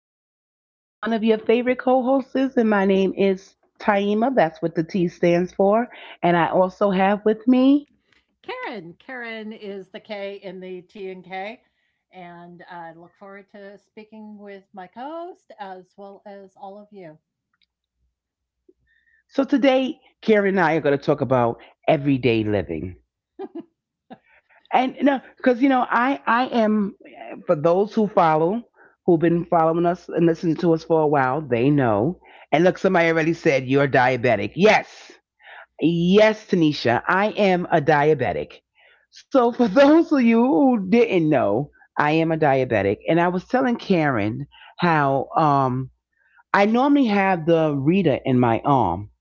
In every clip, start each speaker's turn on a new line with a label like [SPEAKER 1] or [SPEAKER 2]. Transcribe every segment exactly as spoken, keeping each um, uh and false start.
[SPEAKER 1] and it is one of your favorite co-hosts, and my name is Taima. That's what the T stands for, and I also have with me.
[SPEAKER 2] Karen. Karen is the K in the T and K. And I look forward to speaking with my co host as well as all of you.
[SPEAKER 1] So today, Karen and I are going to talk about everyday living, and no, because you know, I I am for those who follow, who've been following us and listening to us for a while, they know. And look, somebody already said you're diabetic. Yes. Yes, Tanisha, I am a diabetic. So, for those of you who didn't know, I am a diabetic. And I was telling Karen how um, I normally have the reader in my arm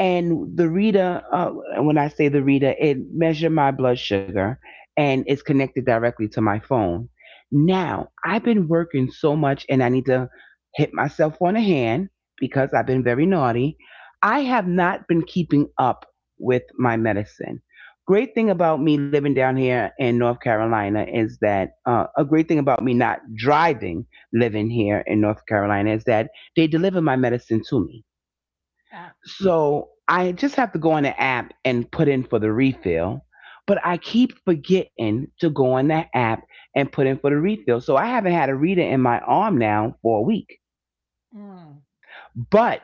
[SPEAKER 1] and the Rita, uh, and when I say the Rita, it measures my blood sugar and it's connected directly to my phone. Now, I've been working so much and I need to hit myself on the hand because I've been very naughty. I have not been keeping up with my medicine. Great thing about me living down here in North Carolina is that uh, a great thing about me not driving living here in North Carolina is that they deliver my medicine to me.
[SPEAKER 2] Ah,
[SPEAKER 1] So I just have to go on the app and put in for the refill. But I keep forgetting to go on that app and put in for the refill. So I haven't had a reader in my arm now for a week.
[SPEAKER 2] mm.
[SPEAKER 1] But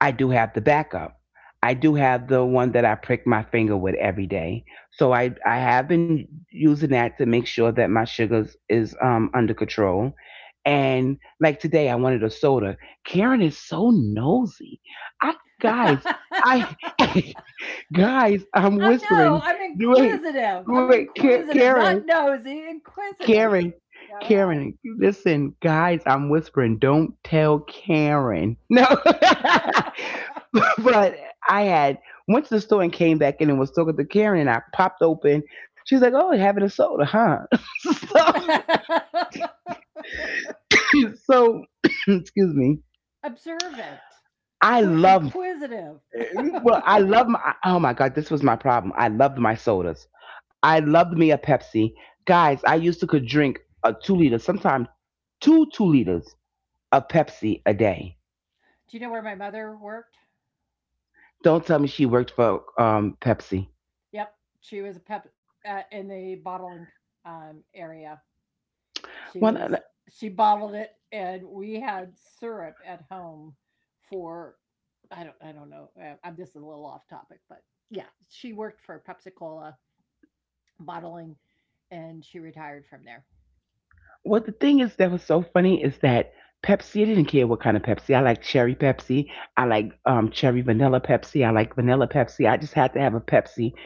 [SPEAKER 1] I do have the backup. I do have the one that I prick my finger with every day. So I, I have been using that to make sure that my sugars is um, under control. And like today, I wanted a soda. Karen is so nosy. I guys, I Guys, I'm
[SPEAKER 2] I'm no,
[SPEAKER 1] whispering.
[SPEAKER 2] I'm
[SPEAKER 1] Wait,
[SPEAKER 2] inquisitive. I'm
[SPEAKER 1] wait, Ka-
[SPEAKER 2] inquisitive, not
[SPEAKER 1] Karen,
[SPEAKER 2] nosy, inquisitive.
[SPEAKER 1] Karen,
[SPEAKER 2] Go ahead.
[SPEAKER 1] Karen. Listen, guys, I'm whispering. Don't tell Karen. No, but I had went to the store and came back in and was talking to Karen, and I popped open. She's like, "Oh, you're having a soda, huh?" so, so excuse me.
[SPEAKER 2] Observant.
[SPEAKER 1] I
[SPEAKER 2] Qui-
[SPEAKER 1] love
[SPEAKER 2] inquisitive.
[SPEAKER 1] Well, I love my. Oh my God, this was my problem. I loved my sodas. I loved me a Pepsi, guys. I used to could drink a two liter, sometimes two two liters of Pepsi a day.
[SPEAKER 2] Do you know where my mother worked?
[SPEAKER 1] Don't tell me she worked for um Pepsi.
[SPEAKER 2] Yep, she was a pep uh, in the bottling, um, area. She
[SPEAKER 1] Well, uh,
[SPEAKER 2] was she bottled it, and we had syrup at home for I don't I don't know. Uh, I'm This is a little off topic, but yeah, she worked for Pepsi-Cola bottling, and she retired from there.
[SPEAKER 1] well, the thing is that was so funny is that Pepsi. I didn't care what kind of Pepsi. I like cherry Pepsi. I like um cherry vanilla Pepsi. I like vanilla Pepsi. I just had to have a Pepsi,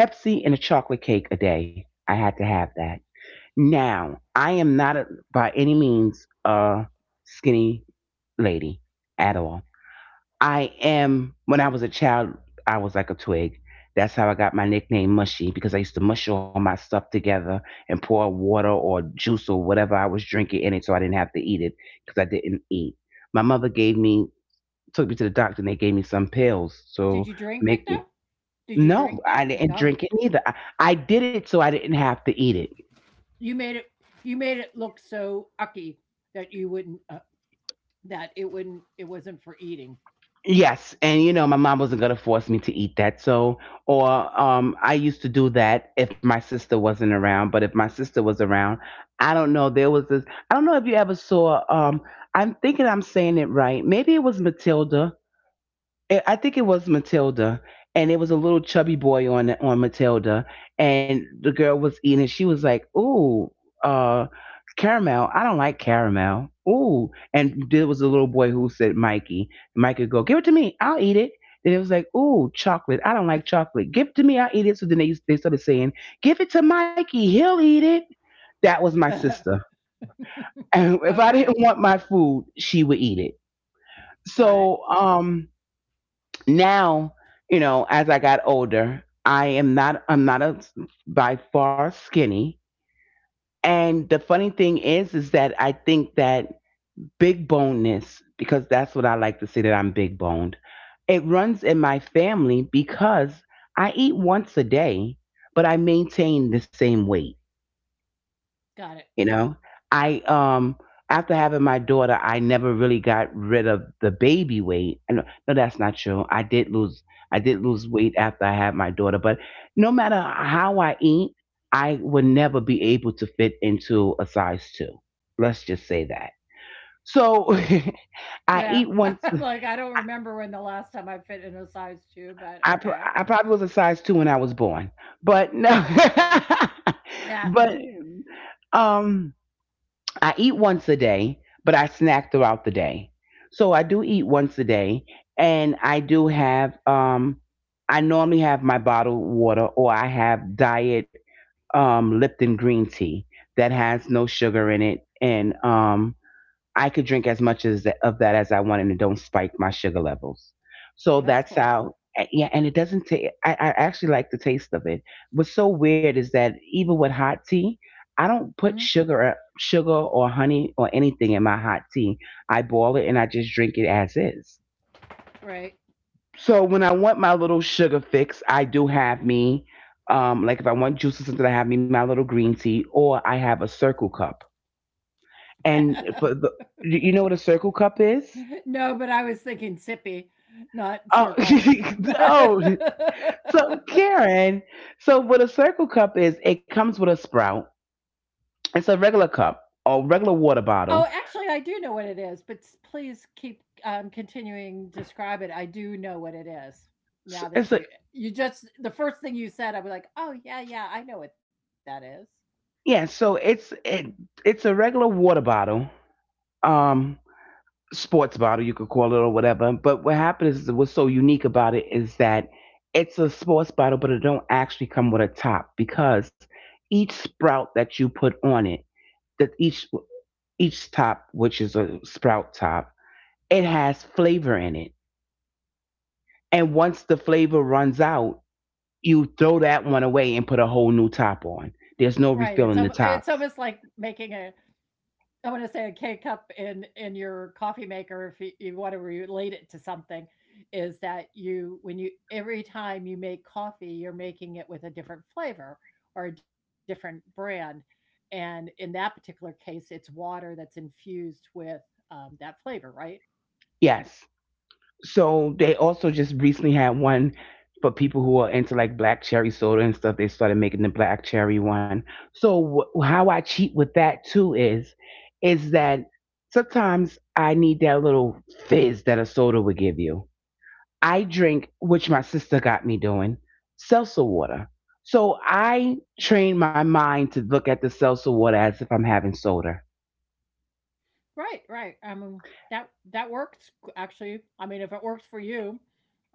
[SPEAKER 1] Pepsi and a chocolate cake a day. I had to have that. Now, I am not a, by any means a skinny lady at all. I am, when I was a child, I was like a twig. That's how I got my nickname Mushy because I used to mush all my stuff together and pour water or juice or whatever I was drinking in it so I didn't have to eat it because I didn't eat. My mother gave me, took me to the doctor and they gave me some pills to
[SPEAKER 2] Did you drink it
[SPEAKER 1] make me.
[SPEAKER 2] though? Did you
[SPEAKER 1] No,
[SPEAKER 2] drink
[SPEAKER 1] I
[SPEAKER 2] that?
[SPEAKER 1] didn't
[SPEAKER 2] No.
[SPEAKER 1] drink it neither. I, I did it so I didn't have to eat it.
[SPEAKER 2] You made it. You made it look so ucky that you wouldn't. Uh, that it wouldn't. It wasn't for eating.
[SPEAKER 1] Yes, and you know my mom wasn't gonna force me to eat that. So, or um, I used to do that if my sister wasn't around. But if my sister was around, I don't know. There was this. I don't know if you ever saw. Um, I'm thinking I'm saying it right. Maybe it was Matilda it, I think it was Matilda, and it was a little chubby boy on on Matilda, and the girl was eating. She was like, "Ooh, uh, caramel. I don't like caramel. Ooh." And there was a little boy who said, "Mikey." Mikey would go, "Give it to me. I'll eat it." Then it was like, "Ooh, chocolate. I don't like chocolate. Give it to me. I'll eat it." So then they they started saying, "Give it to Mikey. He'll eat it." That was my sister. And if I
[SPEAKER 2] Okay.
[SPEAKER 1] didn't want my food, she would eat it.
[SPEAKER 2] Got it.
[SPEAKER 1] So, um, now, you know as I got older, i am not i'm not a by far skinny, and the funny thing is is that I think that big boneness, because that's what I like to say, that I'm big boned, it runs in my family because I eat once a day but I maintain the same weight.
[SPEAKER 2] Got it.
[SPEAKER 1] You know, I um After having my daughter, I never really got rid of the baby weight. And no, that's not true. I did lose I did lose weight after I had my daughter, but no matter how I eat, I would never be able to fit into a size two. Let's just say that. So I
[SPEAKER 2] Yeah.
[SPEAKER 1] eat once
[SPEAKER 2] I'm like, I don't remember when the last time I fit in a size two, but
[SPEAKER 1] I pr-
[SPEAKER 2] okay.
[SPEAKER 1] I probably was a size two when I was born. But no.
[SPEAKER 2] Yeah.
[SPEAKER 1] but um I eat once a day, but I snack throughout the day. So I do eat once a day, and I do have um I normally have my bottled water or I have diet um Lipton green tea that has no sugar in it and um I could drink as much as of that as I wanted and it don't spike my sugar levels.
[SPEAKER 2] Well,
[SPEAKER 1] So
[SPEAKER 2] that's
[SPEAKER 1] that's
[SPEAKER 2] cool.
[SPEAKER 1] how. Yeah, and it doesn't take. I, I actually like the taste of it. What's so weird is that even with hot tea, I
[SPEAKER 2] Hmm.
[SPEAKER 1] don't put sugar, uh, sugar or honey or anything in my hot tea. I boil it and I just drink it as is.
[SPEAKER 2] Right.
[SPEAKER 1] So when I want my little sugar fix, I do have me, um, like if I want juice or something, I have me my little green tea, or I have a circle cup. And for the, you know what a circle cup is?
[SPEAKER 2] No, but I was thinking sippy, not
[SPEAKER 1] Oh,
[SPEAKER 2] circle.
[SPEAKER 1] oh, so Karen, so what a circle cup is, it comes with a sprout. It's a regular cup or regular water
[SPEAKER 2] Oh,
[SPEAKER 1] bottle.
[SPEAKER 2] actually, I do know what it is, but s please keep, um, continuing to describe it. I do know what it is
[SPEAKER 1] S-
[SPEAKER 2] now that
[SPEAKER 1] It's a
[SPEAKER 2] you you just the first thing you said, I was like, "Oh, yeah, yeah, I know what that is."
[SPEAKER 1] Yeah, so it's it, it's a regular water bottle, um, sports bottle you could call it or whatever. But what happened is what's so unique about it is that it's a sports bottle, but it don't actually come with a top because each sprout that you put on it, that each each top, which is a sprout top it has flavor in it. And once the flavor runs out, you throw that one away and put a whole new top on.
[SPEAKER 2] Right,
[SPEAKER 1] There's
[SPEAKER 2] it's
[SPEAKER 1] no
[SPEAKER 2] um. it's
[SPEAKER 1] refilling the
[SPEAKER 2] almost like
[SPEAKER 1] tops.
[SPEAKER 2] making a I wanna say a K-cup in in your coffee maker, if you you wanna relate it to something, is that you when you every time you make coffee, you're making it with a different flavor or a different brand, and in that particular case, it's water that's infused with, um, that flavor, right?
[SPEAKER 1] Yes. So they also just recently had one for people who are into like black cherry soda and stuff. They started making the black cherry one. So wh- how I cheat with that too is, is that sometimes I need that little fizz that a soda would give you. I drink, which my sister got me doing, seltzer water. So I train my mind to look at the seltzer water as if I'm having soda.
[SPEAKER 2] Right, right, I mean that that works actually, I mean, if it works for you,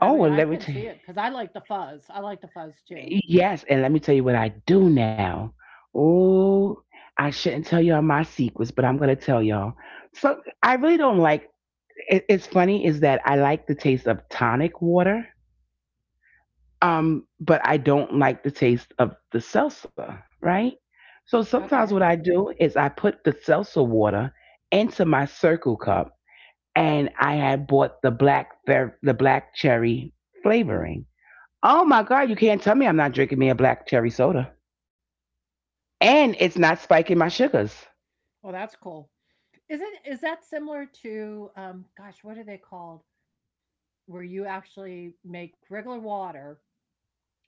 [SPEAKER 2] I mean,
[SPEAKER 1] and
[SPEAKER 2] I
[SPEAKER 1] let me
[SPEAKER 2] can
[SPEAKER 1] tell you,
[SPEAKER 2] see it because I like the fuzz, I like the fuzz too.
[SPEAKER 1] Yes, and let me tell you what I do now. Oh, I shouldn't tell y'all my secrets, but I'm gonna tell y'all. So I really don't like. It, it's funny is that I like the taste of tonic water. Um, but I don't like the taste of the salsa, right? So sometimes what
[SPEAKER 2] Okay.
[SPEAKER 1] I do is I put the salsa water into my circle cup, and I had bought the black ver- the black cherry flavoring. Oh my God! You can't tell me I'm not drinking me a black cherry soda, and it's not spiking my sugars.
[SPEAKER 2] Well, that's cool. Isn't is that similar to, um, gosh, what are they called? Where you actually make regular water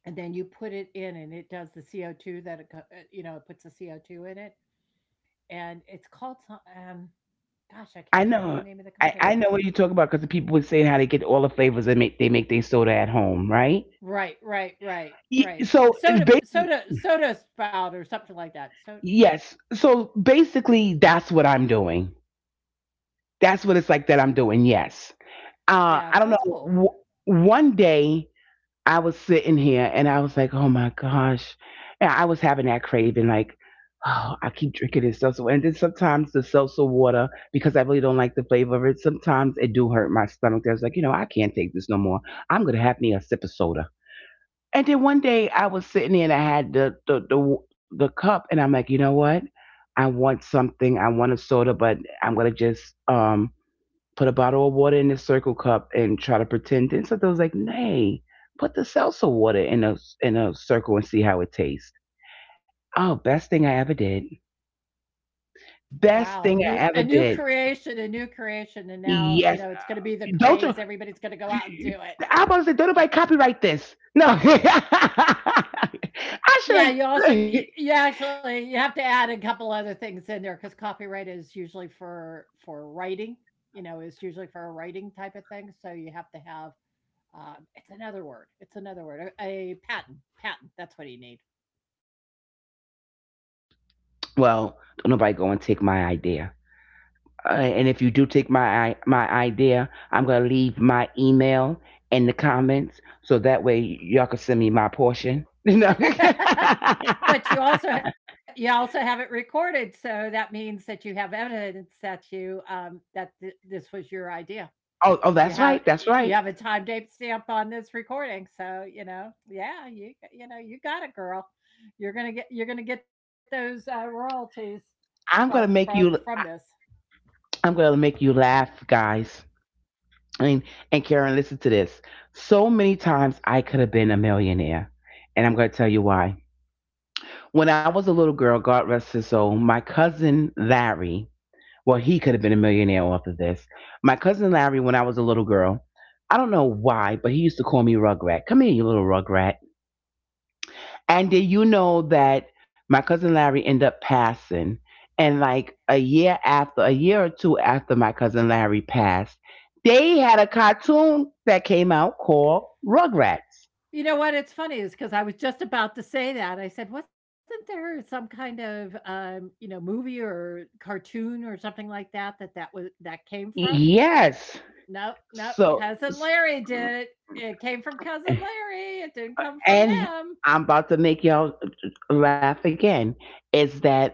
[SPEAKER 2] and then you put it in and it does the C O two that it co uh, you know, it puts the C O two in it, and it's called so um, gosh, I can't
[SPEAKER 1] I
[SPEAKER 2] remember the
[SPEAKER 1] know,
[SPEAKER 2] name of the
[SPEAKER 1] I, I
[SPEAKER 2] company.
[SPEAKER 1] know what you're talking about because the people were saying how they get all the flavors and make they make their soda at home, right?
[SPEAKER 2] Right, right, right,
[SPEAKER 1] Y-
[SPEAKER 2] right.
[SPEAKER 1] So
[SPEAKER 2] Soda
[SPEAKER 1] basically
[SPEAKER 2] soda soda spout or something like that. So
[SPEAKER 1] Yes. So basically, that's what I'm doing. That's what it's like that I'm doing. Yes. Uh,
[SPEAKER 2] yeah,
[SPEAKER 1] I don't
[SPEAKER 2] that's
[SPEAKER 1] know.
[SPEAKER 2] cool.
[SPEAKER 1] W- one day I was sitting here and I was like, oh my gosh. And I was having that craving, like, oh, I keep drinking this seltzer. water. And then sometimes the seltzer water, because I really don't like the flavor of it, sometimes it do hurt my stomach. I was like, you know, I can't take this no more. I'm going to have me a sip of soda. And then one day I was sitting there and I had the the the, the cup and I'm like, you know what? I want something. I want a soda, but I'm gonna just um put a bottle of water in the circle cup and try to pretend. And so I was like, nay, put the seltzer water in a in a circle and see how it tastes. Oh, best thing I ever did. Best
[SPEAKER 2] Wow, a
[SPEAKER 1] thing I
[SPEAKER 2] new
[SPEAKER 1] ever
[SPEAKER 2] a new
[SPEAKER 1] did.
[SPEAKER 2] creation, a new creation, and now, you
[SPEAKER 1] Yes.
[SPEAKER 2] know, it's gonna be the
[SPEAKER 1] Don't
[SPEAKER 2] craze. Everybody's gonna go out and
[SPEAKER 1] you-
[SPEAKER 2] do it.
[SPEAKER 1] I was about to say, don't nobody copyright this. No. I should
[SPEAKER 2] Yeah, you also
[SPEAKER 1] have
[SPEAKER 2] y you actually you have to add a couple other things in there because copyright is usually for for writing, you know, it's usually for a writing type of thing, so you have to have, um it's another word, it's another word, a a patent patent, that's what you need.
[SPEAKER 1] Well, don't nobody go and take my idea. Uh, and if you do take my my idea, I'm gonna leave my email in the comments so that way y'all can send me my portion. You
[SPEAKER 2] But you also ha you also have it recorded, so that means that you have evidence that you, um that th this was your idea.
[SPEAKER 1] Oh, oh,
[SPEAKER 2] You
[SPEAKER 1] that's
[SPEAKER 2] have
[SPEAKER 1] right, that's
[SPEAKER 2] you
[SPEAKER 1] right.
[SPEAKER 2] have a time date stamp on this recording, so, you know, yeah, you you know, you got it, girl. You're gonna get you're gonna get those, uh, royalties from
[SPEAKER 1] I'm gonna
[SPEAKER 2] from
[SPEAKER 1] make
[SPEAKER 2] from
[SPEAKER 1] you.
[SPEAKER 2] this.
[SPEAKER 1] I'm gonna make you laugh, guys. And and Karen, listen to this. So many times I could have been a millionaire, and I'm gonna tell you why. When I was a little girl, God rest his soul, my cousin Larry— well, he could have been a millionaire off of this. My cousin Larry, when I was a little girl, I don't know why, but he used to call me Rugrat. Come here, you little Rugrat. And did you know that my cousin Larry ended up passing? And like a year after, a year or two after my cousin Larry passed, they had a cartoon that came out called Rugrats.
[SPEAKER 2] You know what? It's funny is because I was just about to say that. I said, "Wasn't there some kind of, um, you know, movie or cartoon or something like that that that was that came from?"
[SPEAKER 1] Yes.
[SPEAKER 2] Nope, nope.
[SPEAKER 1] So,
[SPEAKER 2] Cousin Larry did it. It came from Cousin Larry. It didn't come from
[SPEAKER 1] and
[SPEAKER 2] them.
[SPEAKER 1] I'm about to make y'all laugh again. Is that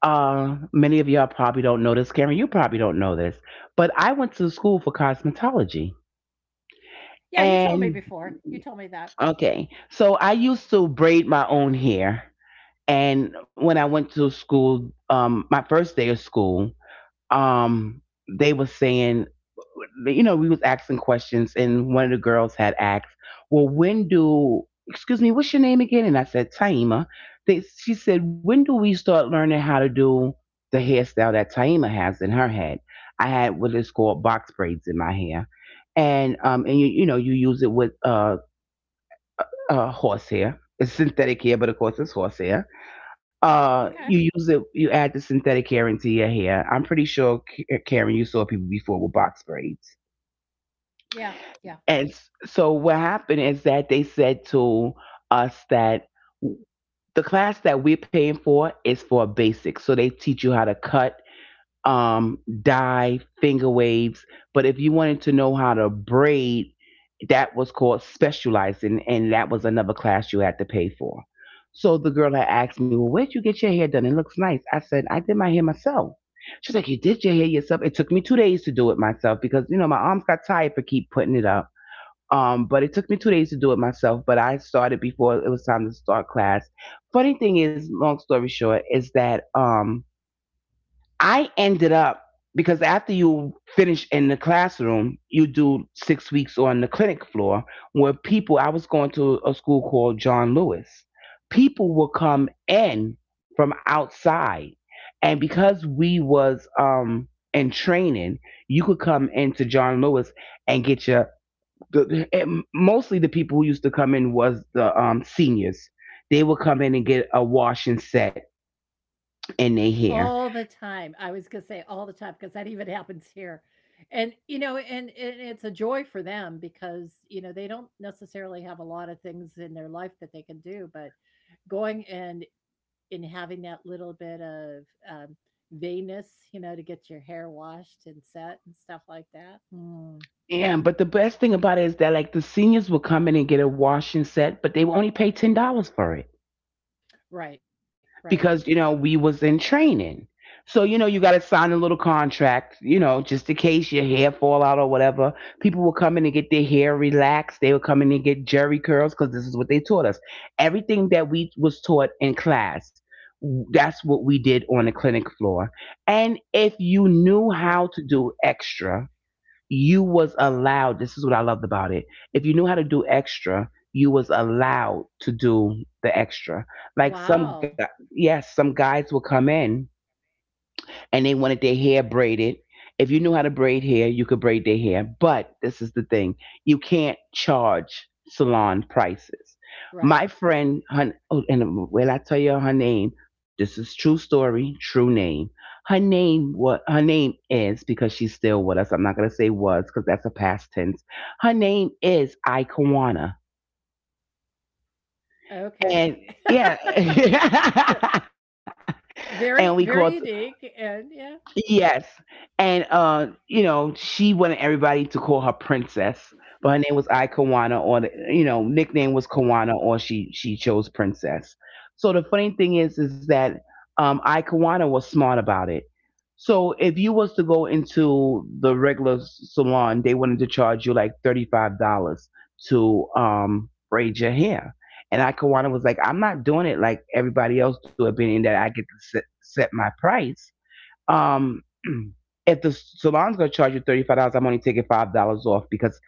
[SPEAKER 1] Uh, many of y'all probably don't know this, Karen. You probably don't know this, but I went to school for cosmetology.
[SPEAKER 2] Yeah, you told me
[SPEAKER 1] And
[SPEAKER 2] before. You told me that.
[SPEAKER 1] okay, so I used to braid my own hair. And when I went to school, um, my first day of school, um, they were saying, you know, we was asking questions, and one of the girls had asked, "Well, when do?" Excuse me, what's your name again? And I said Taima. They, she said, "When do we start learning how to do the hairstyle that Taima has in her head?" I had what is called box braids in my hair, and um, and you you know you use it with uh, uh horse hair. It's synthetic hair, but of course it's horse hair.
[SPEAKER 2] Okay.
[SPEAKER 1] Uh, you use it. You add the synthetic hair into your hair. I'm pretty sure, K- Karen, you saw people before with box braids.
[SPEAKER 2] Yeah, yeah.
[SPEAKER 1] And s- so what happened is that they said to us that the class that we're paying for is for basics. So they teach you how to cut, um, dye, finger waves. But if you wanted to know how to braid, that was called specializing, and that was another class you had to pay for. So the girl had asked me, well, where'd you get your hair done? It looks nice. I said, I did my hair myself. She's like, you did your hair yourself? It took me two days to do it myself because, you know, my arms got tired for keep putting it up. Um, but it took me two days to do it myself, but I started before it was time to start class. Funny thing is, long story short, is that um, I ended up— because after you finish in the classroom, you do six weeks on the clinic floor where people, I was going to a school called John Lewis. People will come in from outside. And because we was um, in training, you could come into John Lewis and get your the, and mostly the people who used to come in was the um, seniors. They would come in and get a washing set in their
[SPEAKER 2] All the
[SPEAKER 1] hair.
[SPEAKER 2] time. I was going to say all the time because that even happens here. And, you know, and, and it's a joy for them because, you know, they don't necessarily have a lot of things in their life that they can do, but going and and having that little bit of um, veinness, you know, to get your hair washed and set and stuff like that. Mm.
[SPEAKER 1] Yeah, but the best thing about it is that like the seniors would come in and get a washing set, but they would only pay ten dollars for it.
[SPEAKER 2] Right, right,
[SPEAKER 1] Because you know we was in training, so you know you got to sign a little contract, you know, just in case your hair fall out or whatever. People will come in and get their hair relaxed, they will come in and get jerry curls because this is what they taught us. Everything that we was taught in class, that's what we did on the clinic floor. And if you
[SPEAKER 2] right.
[SPEAKER 1] knew how to do extra, you was allowed— this is what I loved about it— if you knew how to do extra, you was allowed to do the extra. Like some gu-
[SPEAKER 2] Wow.
[SPEAKER 1] yes, some guys will come in and they wanted their hair braided. If you knew how to braid hair, you could braid their hair. But this is the thing, you can't charge salon prices.
[SPEAKER 2] Right.
[SPEAKER 1] My friend, her, oh, and will I tell you her name. This is true story, true name. Her name, what her name is, Because she's still with us. I'm not gonna say was, because that's a past tense. Her name is Ikawana,
[SPEAKER 2] Okay.
[SPEAKER 1] and yeah,
[SPEAKER 2] Very,
[SPEAKER 1] and we
[SPEAKER 2] very
[SPEAKER 1] called
[SPEAKER 2] unique and yeah,
[SPEAKER 1] Yes. And uh, you know, she wanted everybody to call her princess, but her name was I Kawana, or the, you know, nickname was Kawana, or she she chose princess. So the funny thing is is that um I Kawana was smart about it. So if you was to go into the regular s- salon, they wanted to charge you like thirty-five dollars to um braid your hair. And I Kawana was like, I'm not doing it like everybody else do it, being that I get to set, set my price. Um, if the salon's gonna charge you thirty five dollars, I'm only taking five dollars off because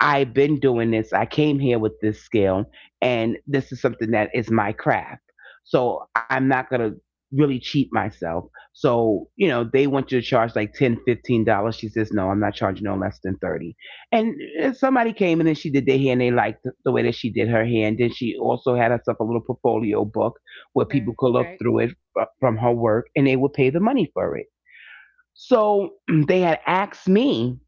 [SPEAKER 1] I've been doing this. I came here with this skill, and this is something that is my craft. So I'm not gonna really cheat myself. So you know, they want you to charge like ten, fifteen dollars. She says, no, I'm not charging no less than thirty. And uh, somebody came in and she did their hair, and they liked the the way that she did her hair. And then she also had herself a little portfolio book where
[SPEAKER 2] right.
[SPEAKER 1] people could look through it fr- from her work, and they would pay the money for it. So they had asked me,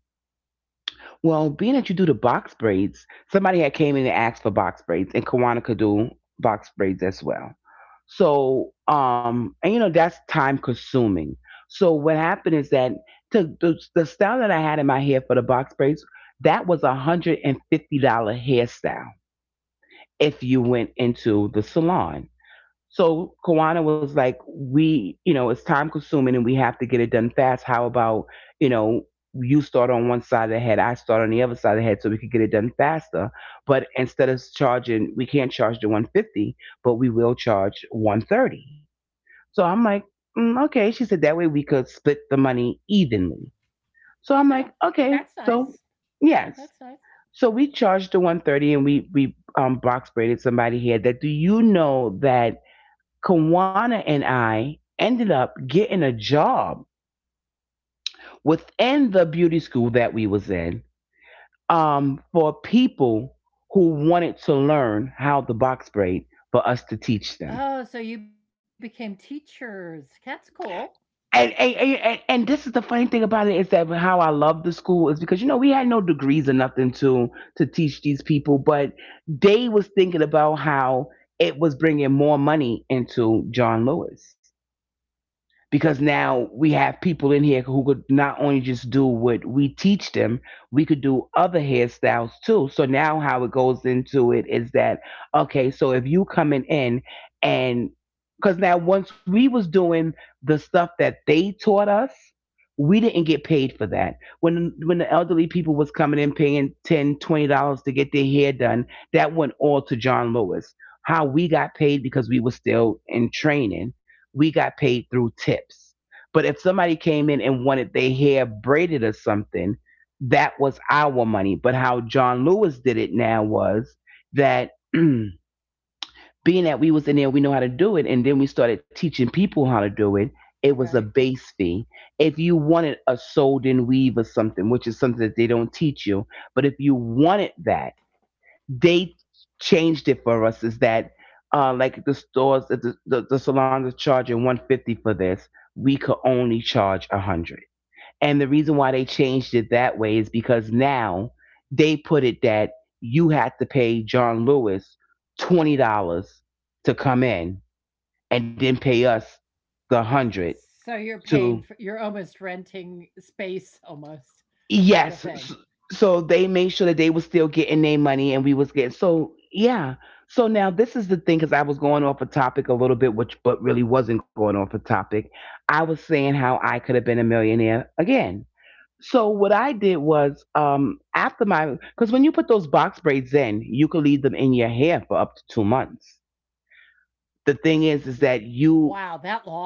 [SPEAKER 1] well, being that you do the box braids, somebody had came in and asked for box braids, and Kawana could do box braids as well. So, um, and you know that's time consuming. So what happened is that to, the the style that I had in my hair for the box braids, that was a one hundred and fifty dollar hairstyle if you went into the salon. So Kawana was like, we, you know, it's time consuming and we have to get it done fast. How about, you know, you start on one side of the head, I start on the other side of the head so we could get it done faster. But instead of charging, we can't charge the one fifty, but we will charge one thirty. So I'm like, mm, okay. She said that way we could split the money evenly. So I'm
[SPEAKER 2] Yeah.
[SPEAKER 1] like, okay.
[SPEAKER 2] That's
[SPEAKER 1] So
[SPEAKER 2] nice. Yeah,
[SPEAKER 1] yes.
[SPEAKER 2] that's nice.
[SPEAKER 1] So we charged the one thirty and we, we, um, box braided somebody here. That do You know that Kawana and I ended up getting a job within the beauty school that we was in, um, for people who wanted to learn how to box braid, for us to teach them.
[SPEAKER 2] Oh, so you became teachers. That's cool.
[SPEAKER 1] And, and, and, and- this is the funny thing about it is that how I love the school is because, you know, we had no degrees or nothing to, to teach these people, but they was thinking about how it was bringing more money into John Lewis, because now we have people in here who could not only just do what we teach them, we could do other hairstyles too. So now how it goes into it is that okay, so if you coming in and— because now once we was doing the stuff that they taught us, we didn't get paid for that. When when the elderly people was coming in paying ten dollars, twenty dollars to get their hair done, that went all to John Lewis. How we got paid, because we were still in training, we got paid through tips. But if somebody came in and wanted their hair braided or something, that was our money. But how John Lewis did it now was that being that we was in there, we know how to do it, and then we started teaching people how to do it. It was a
[SPEAKER 2] Right.
[SPEAKER 1] base fee. If you wanted a sold in weave or something, which is something that they don't teach you, but if you wanted that, they changed it for us is that uh, like the stores the, the, the salons are charging one fifty for this, we could only charge one hundred. And the reason why they changed it that way is because now they put it that you had to pay john lewis twenty dollars to come in and then pay us the one hundred.
[SPEAKER 2] So you're
[SPEAKER 1] To
[SPEAKER 2] paying for you're almost renting space almost
[SPEAKER 1] Yes.
[SPEAKER 2] type of
[SPEAKER 1] s-
[SPEAKER 2] thing.
[SPEAKER 1] So they made sure that they was still getting their money and we was getting— so yeah. So now this is the thing, because I was going off a topic a little bit, which but really wasn't going off a topic. I was saying how I could have been a millionaire again. So what I did was um after my, because when you put those box braids in, you could leave them in your hair for up to two months. The thing is, is that
[SPEAKER 2] Wow,
[SPEAKER 1] you
[SPEAKER 2] that long?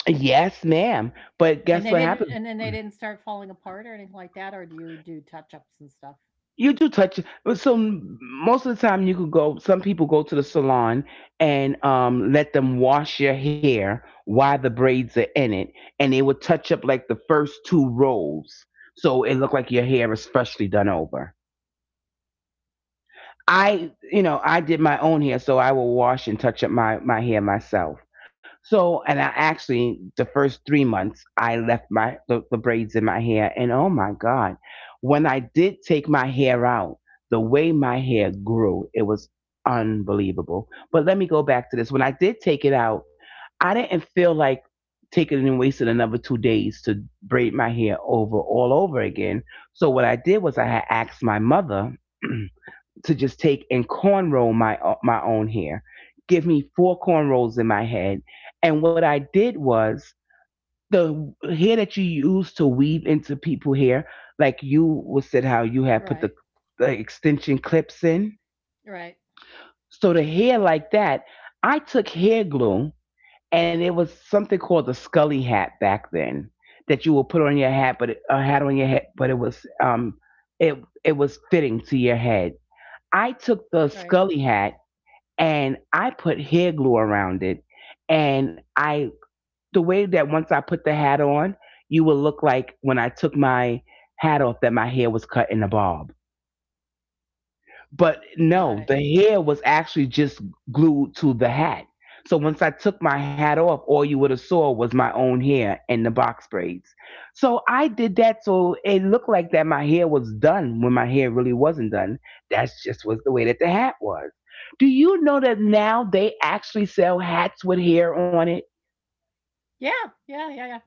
[SPEAKER 1] yes, ma'am. But guess
[SPEAKER 2] And they
[SPEAKER 1] what
[SPEAKER 2] didn't
[SPEAKER 1] happens?
[SPEAKER 2] and then they didn't start falling apart or anything like that, or do you do touch ups and stuff?
[SPEAKER 1] You do touch. So most of the time, you could go. Some people go to the salon and um, let them wash your hair while the braids are in it, and they would touch up like the first two rolls, so it looked like your hair is freshly done over. I, you know, I did my own hair, so I will wash and touch up my my hair myself. So, and I actually the first three months I left my the, the braids in my hair, and oh my god, when I did take my hair out, the way my hair grew, it was unbelievable. But let me go back to this. When I did take it out, I didn't feel like taking it and wasting another two days to braid my hair over all over again. So what I did was I had asked my mother. To just take and cornrow my uh, my own hair, give me four cornrows in my head. And what I did was the hair that you use to weave into people hair, like you was said how you had put the,
[SPEAKER 2] Right,
[SPEAKER 1] the extension clips in.
[SPEAKER 2] right,
[SPEAKER 1] So the hair like that, I took hair glue and it was something called the scully hat back then that you would put on your hat, but it, a hat on your head, but it was um it it was fitting to your head. I took the scully
[SPEAKER 2] right.
[SPEAKER 1] hat and I put hair glue around it. And I, the way that once I put the hat on, you will look like when I took my hat off that my hair was cut in a bob. But no, the
[SPEAKER 2] Got
[SPEAKER 1] hair
[SPEAKER 2] it.
[SPEAKER 1] was actually just glued to the hat. So once I took my hat off, all you would have saw was my own hair and the box braids. So I did that so it looked like that my hair was done when my hair really wasn't done. That's just was the way that the hat was. Do you know that now they actually sell hats with hair on it?
[SPEAKER 2] Yeah, yeah, yeah, yeah.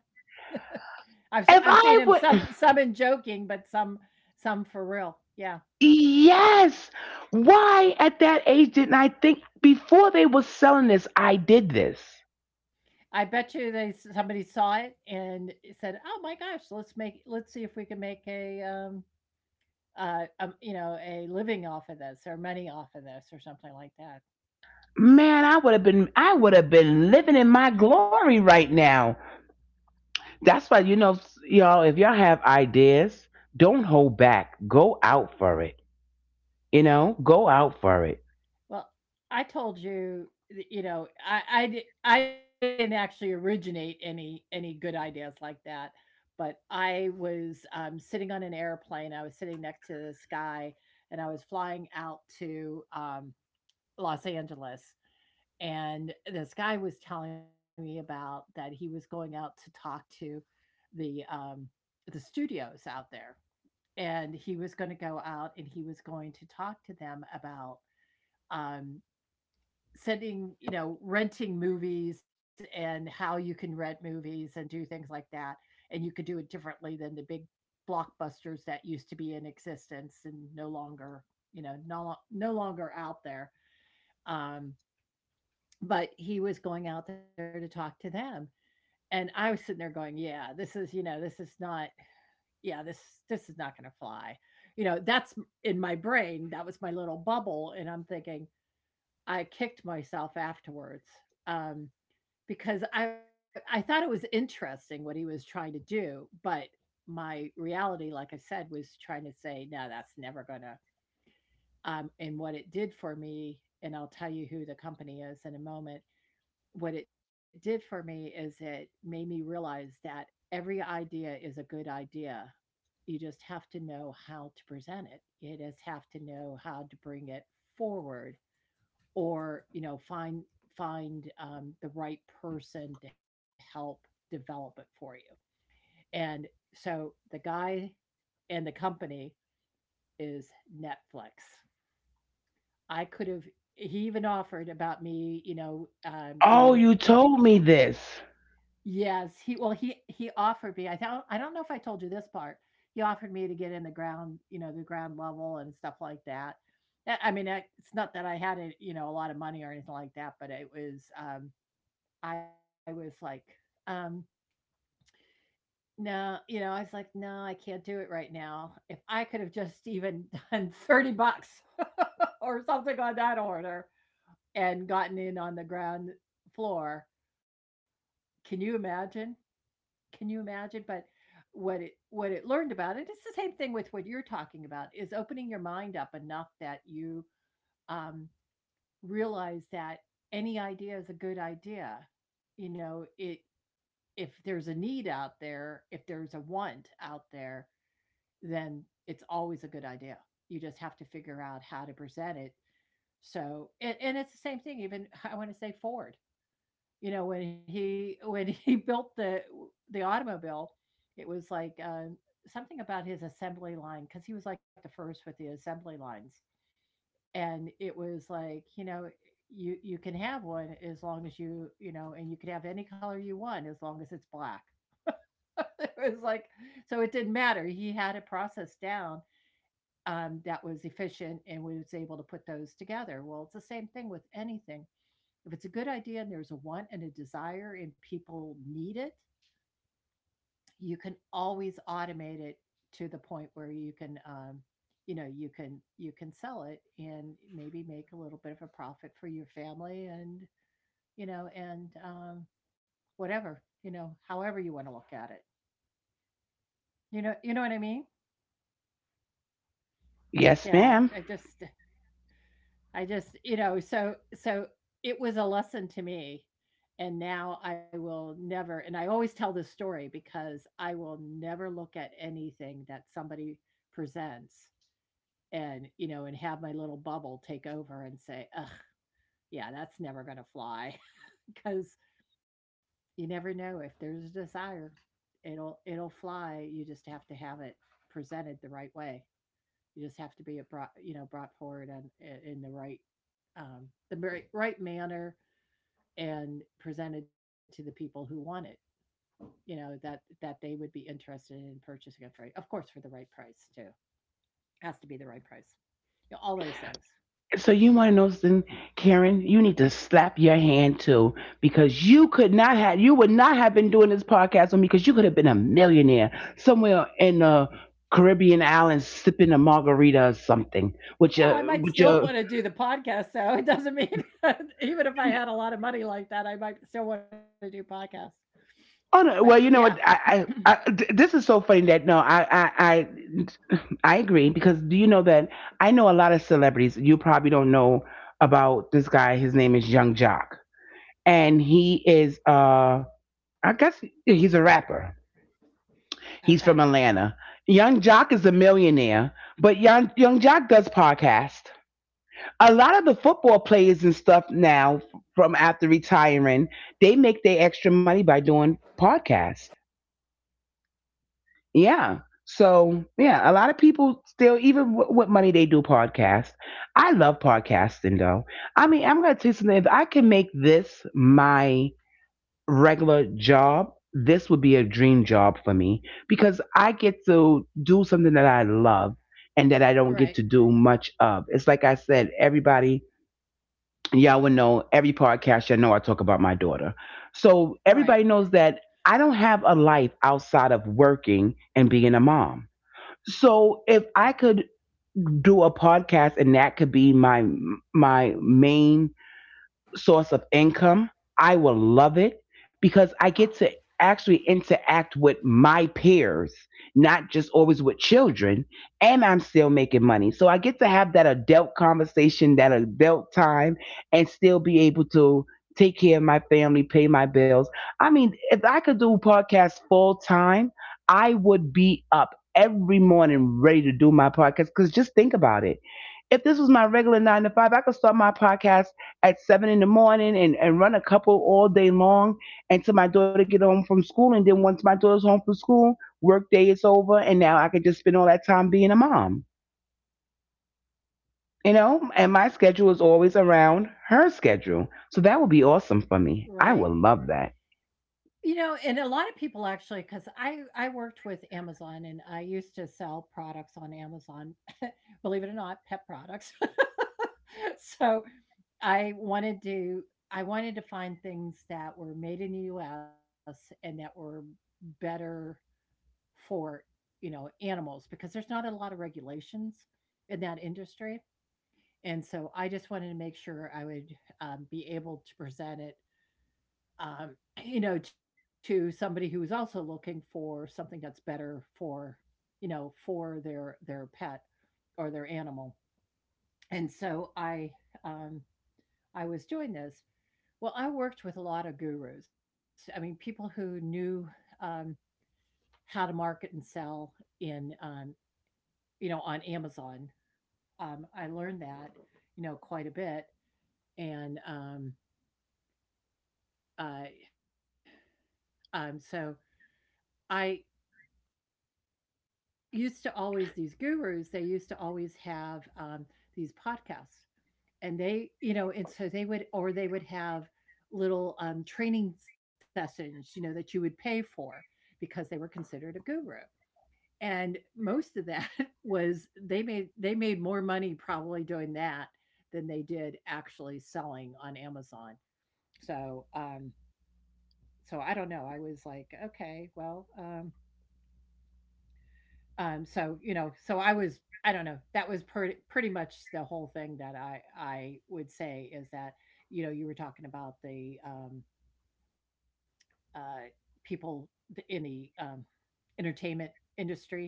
[SPEAKER 1] If
[SPEAKER 2] I've s I've
[SPEAKER 1] I
[SPEAKER 2] seen him
[SPEAKER 1] would,
[SPEAKER 2] some some in joking, but some some for real. Yeah.
[SPEAKER 1] yes. Why at that age didn't I think before they were selling this, I did this?
[SPEAKER 2] I bet you they somebody saw it and said, "Oh my gosh, let's make let's see if we can make a, um, uh, um, you know, a living off of this or money off of this or something like that."
[SPEAKER 1] Man, I would have been I would have been living in my glory right now. That's why you know s- y'all, if y'all have ideas, don't hold back. Go out for it. You know, go out for it.
[SPEAKER 2] Well, I told you, th- you know, I I, di- I didn't actually originate any any good ideas like that, but I was um, sitting on an airplane. I was sitting next to this guy, and I was flying out to um, Los Angeles. And this guy was telling me about that he was going out to talk to the um, the studios out there, and he was going to go out and he was going to talk to them about. Um, sending you know renting movies and how you can rent movies and do things like that and you could do it differently than the big blockbusters that used to be in existence and no longer you know no, no longer out there um, but he was going out there to talk to them and I was sitting there going yeah this is you know this is not yeah this this is not going to fly you know that's in my brain that was my little bubble and I'm thinking I kicked myself afterwards. Um, Because I I thought it was interesting what he was trying to do, but my reality, like I said, was trying to say, "No, that's never gonna" um, and what it did for me, and I'll tell you who the company is in a moment. What it did for me is it made me realize that every idea is a good idea. You just have to know how to present it. You just have to know how to bring it forward or you know find find um, the right person to help develop it for you and so the guy and the company is Netflix. I could have he even offered about me you know um,
[SPEAKER 1] Oh,
[SPEAKER 2] getting
[SPEAKER 1] you told me this.
[SPEAKER 2] yes he well he he offered me i don't I don't know if I told you this part he offered me to get in the ground you know the ground level and stuff like that I mean I- it's not that I had it you know a lot of money or anything like that but it was um I was like, um, no, you know, I was like, no, I can't do it right now. If I could have just even done thirty bucks or something on that order and gotten in on the ground floor, can you imagine? Can you imagine? But what it what it learned about it, it's the same thing with what you're talking about, is opening your mind up enough that you um, realize that any idea is a good idea. You know, it if there's a need out there, if there's a want out there, then it's always a good idea. You just have to figure out how to present it. So, and, and it's the same thing. Even I want to say Ford. You know, when he when he built the the automobile, it was like um, something about his assembly line because he was like the first with the assembly lines, and it was like you know you you can have one as long as you you know, and you can have any color you want as long as it's black. It was like so it didn't matter. He had a process down, um, that was efficient and we was able to put those together. Well, it's the same thing with anything. If it's a good idea and there's a want and a desire and people need it, you can always automate it to the point where you can, um, you know, you can you can sell it and maybe make a little bit of a profit for your family and, you know, and, um, whatever, you know, however you wanna look at it. You know you know what I mean?
[SPEAKER 1] Yes,
[SPEAKER 2] Yeah,
[SPEAKER 1] ma'am.
[SPEAKER 2] I just I just, you know, so so it was a lesson to me, and now I will never and I always tell this story because I will never look at anything that somebody presents and, you know, and have my little bubble take over and say, "Ugh, yeah, that's never going to fly." Because you never know if there's a desire, it'll it'll fly. You just have to have it presented the right way. You just have to be a brought, you know, brought forward and in the right, um, the right, right manner and presented to the people who want it. You know that that they would be interested in purchasing it for, of course, for the right price too. Has to be the right price. You know, all those things.
[SPEAKER 1] So you want to know something, Karen? You need to slap your hand too because you could not have you would not have been doing this podcast with me because you could have been a millionaire somewhere in the Caribbean islands sipping a margarita or something with
[SPEAKER 2] Well,
[SPEAKER 1] your
[SPEAKER 2] I might
[SPEAKER 1] with
[SPEAKER 2] still
[SPEAKER 1] your
[SPEAKER 2] wanna do the podcast, so it doesn't mean even if I had a lot of money like that, I might still wanna do podcasts.
[SPEAKER 1] Oh
[SPEAKER 2] But
[SPEAKER 1] no! Well,
[SPEAKER 2] yeah,
[SPEAKER 1] you know what? I, I, I th- this is so funny that no, I, I, I, I agree because do you know that I know a lot of celebrities. You probably don't know about this guy. His name is Young Jock, and he is uh, I guess he's a rapper.
[SPEAKER 2] okay.
[SPEAKER 1] He's from Atlanta. Young Jock is a millionaire, but Young Young Jock does podcast. A lot of the football players and stuff now from after retiring, they make their extra money by doing podcasts. Yeah. So yeah, a lot of people still, even w- what money they do podcast. I love podcasting though. I mean, I'm gonna tell you something. If I can make this my regular job, this would be a dream job for me because I get to do something that I love and that I don't
[SPEAKER 2] Right,
[SPEAKER 1] get to do much of. It's like I said, everybody, y'all would know every podcast. Y'all know I talk about my daughter, so
[SPEAKER 2] right,
[SPEAKER 1] everybody knows that I don't have a life outside of working and being a mom. So if I could do a podcast and that could be my my main source of income, I will love it because I get to actually interact with my peers, not just always with children, and I'm still making money. So I get to have that adult conversation, that adult time, and still be able to take care of my family, pay my bills. I mean, if I could do podcasts full time, I would be up every morning ready to do my podcast because just think about it, if this was my regular nine to five, I could start my podcast at seven in the morning and, and run a couple all day long until my daughter get home from school, and then once my daughter's home from school, work day is over and now I could just spend all that time being a mom. You know, and my schedule is always around her schedule, so that would be awesome for me. I would love
[SPEAKER 2] right.
[SPEAKER 1] that.
[SPEAKER 2] You know, and a lot of people actually, because I I worked with Amazon and I used to sell products on Amazon, believe it or not, pet products. So, I wanted to I wanted to find things that were made in the U S and that were better for, you know, animals because there's not a lot of regulations in that industry. And so I just wanted to make sure I would um, be able to present it, um, you know, to somebody who is also looking for something that's better for, you know, for their their pet or their animal. And so I um, I was doing this. Well, I worked with a lot of gurus. I mean, people who knew um, how to market and sell in um, you know, on Amazon. Um, I learned that, you know, quite a bit. And um, uh, um, so I used to always, these gurus, they used to always have um, these podcasts. And they, you know, and so they would, or they would have little um, training sessions, you know, that you would pay for because they were considered a guru. And most of that was they made they made more money probably doing that than they did actually selling on Amazon. So, um, so I don't know. I was like, okay, well, um, um, so you know, so I was, I don't know. That was pretty pretty much the whole thing that I I would say is that you know you were talking about the um, uh, people th- in the um, entertainment industry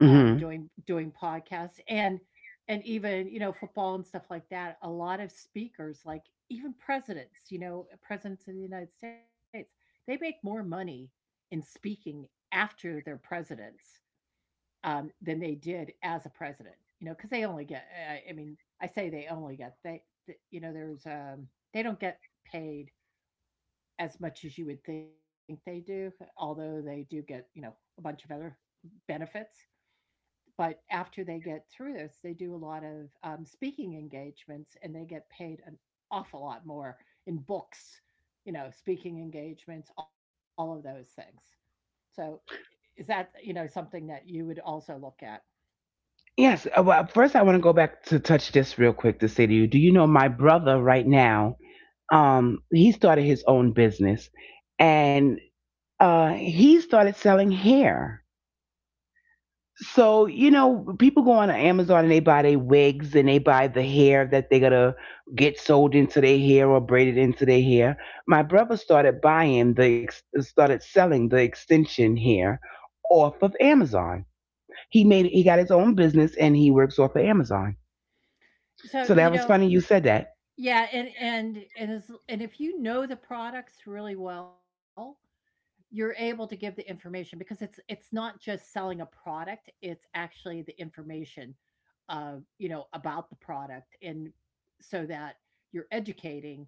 [SPEAKER 2] um,
[SPEAKER 1] Hmm.
[SPEAKER 2] doing doing podcasts and and even, you know, football and stuff like that. A lot of speakers, like even presidents, you know, presidents of the United States, they make more money in speaking after they're presidents, um, than they did as a president, you know, because they only get, I, I mean I say they only get, they you know there's um, they don't get paid as much as you would think they do, although they do get, you know, a bunch of other benefits. But after they get through this, they do a lot of, um, speaking engagements, and they get paid an awful lot more in books, you know, speaking engagements, all of those things. So, is that, you know, something that you would also look at?
[SPEAKER 1] Yes. uh, Well, first, I want to go back to touch this real quick to say to you, do you know my brother right now? Um, he started his own business, and uh, he started selling hair. So you know, people go on Amazon and they buy their wigs and they buy the hair that they're gonna get sold into their hair or braided into their hair. My brother started buying the ex- started selling the extension hair off of Amazon. He made he got his own business and he works off of Amazon.
[SPEAKER 2] So,
[SPEAKER 1] So
[SPEAKER 2] you
[SPEAKER 1] that was
[SPEAKER 2] know,
[SPEAKER 1] funny you said that.
[SPEAKER 2] yeah, and and and as and if you know the products really well, you're able to give the information because it's it's not just selling a product, it's actually the information of, you know, about the product. And so that you're educating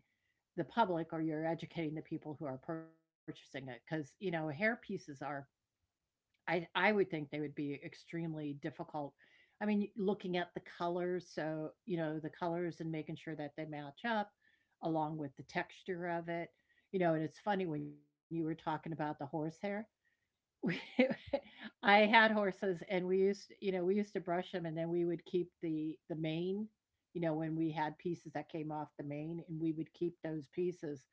[SPEAKER 2] the public, or you're educating the people who are purchasing it, because you know hair pieces are, I, I would think they would be extremely difficult. I mean, looking at the colors, so you know the colors, and making sure that they match up along with the texture of it. You know, and it's funny when you were talking about the horsehair, we I had horses, and we used, you know, we used to brush them, and then we would keep the the mane, you know. When we had pieces that came off the mane, and we would keep those pieces.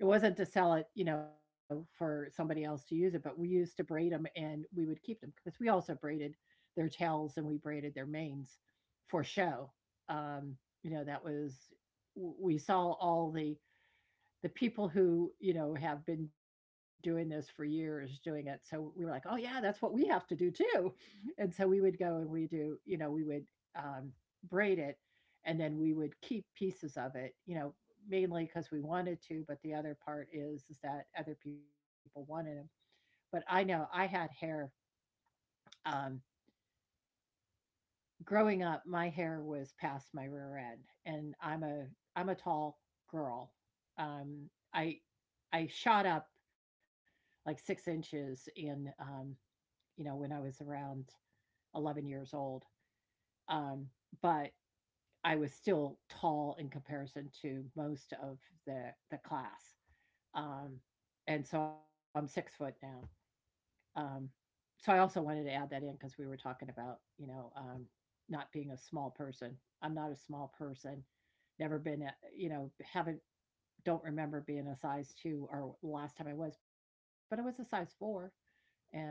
[SPEAKER 2] It wasn't to sell it, you know, for somebody else to use it, but we used to braid them, and we would keep them because we also braided their tails and we braided their manes for show. Um, you know, that was, we saw all the the people who, you know, have been doing this for years doing it. So we were like, "Oh yeah, that's what we have to do too." And so we would go and we do, you know, we would um, braid it and then we would keep pieces of it, you know, mainly because we wanted to, but the other part is is that other people wanted them. But I know I had hair, um growing up. My hair was past my rear end, and I'm a I'm a tall girl. Um I I shot up like six inches in, um, you know, when I was around eleven years old. Um, but I was still tall in comparison to most of the, the class. Um, and so I'm six foot now. Um, so I also wanted to add that in because we were talking about, you know, um, not being a small person. I'm not a small person. Never been, a, you know, haven't, don't remember being a size two, or last time I was, but I was a size four. And you know,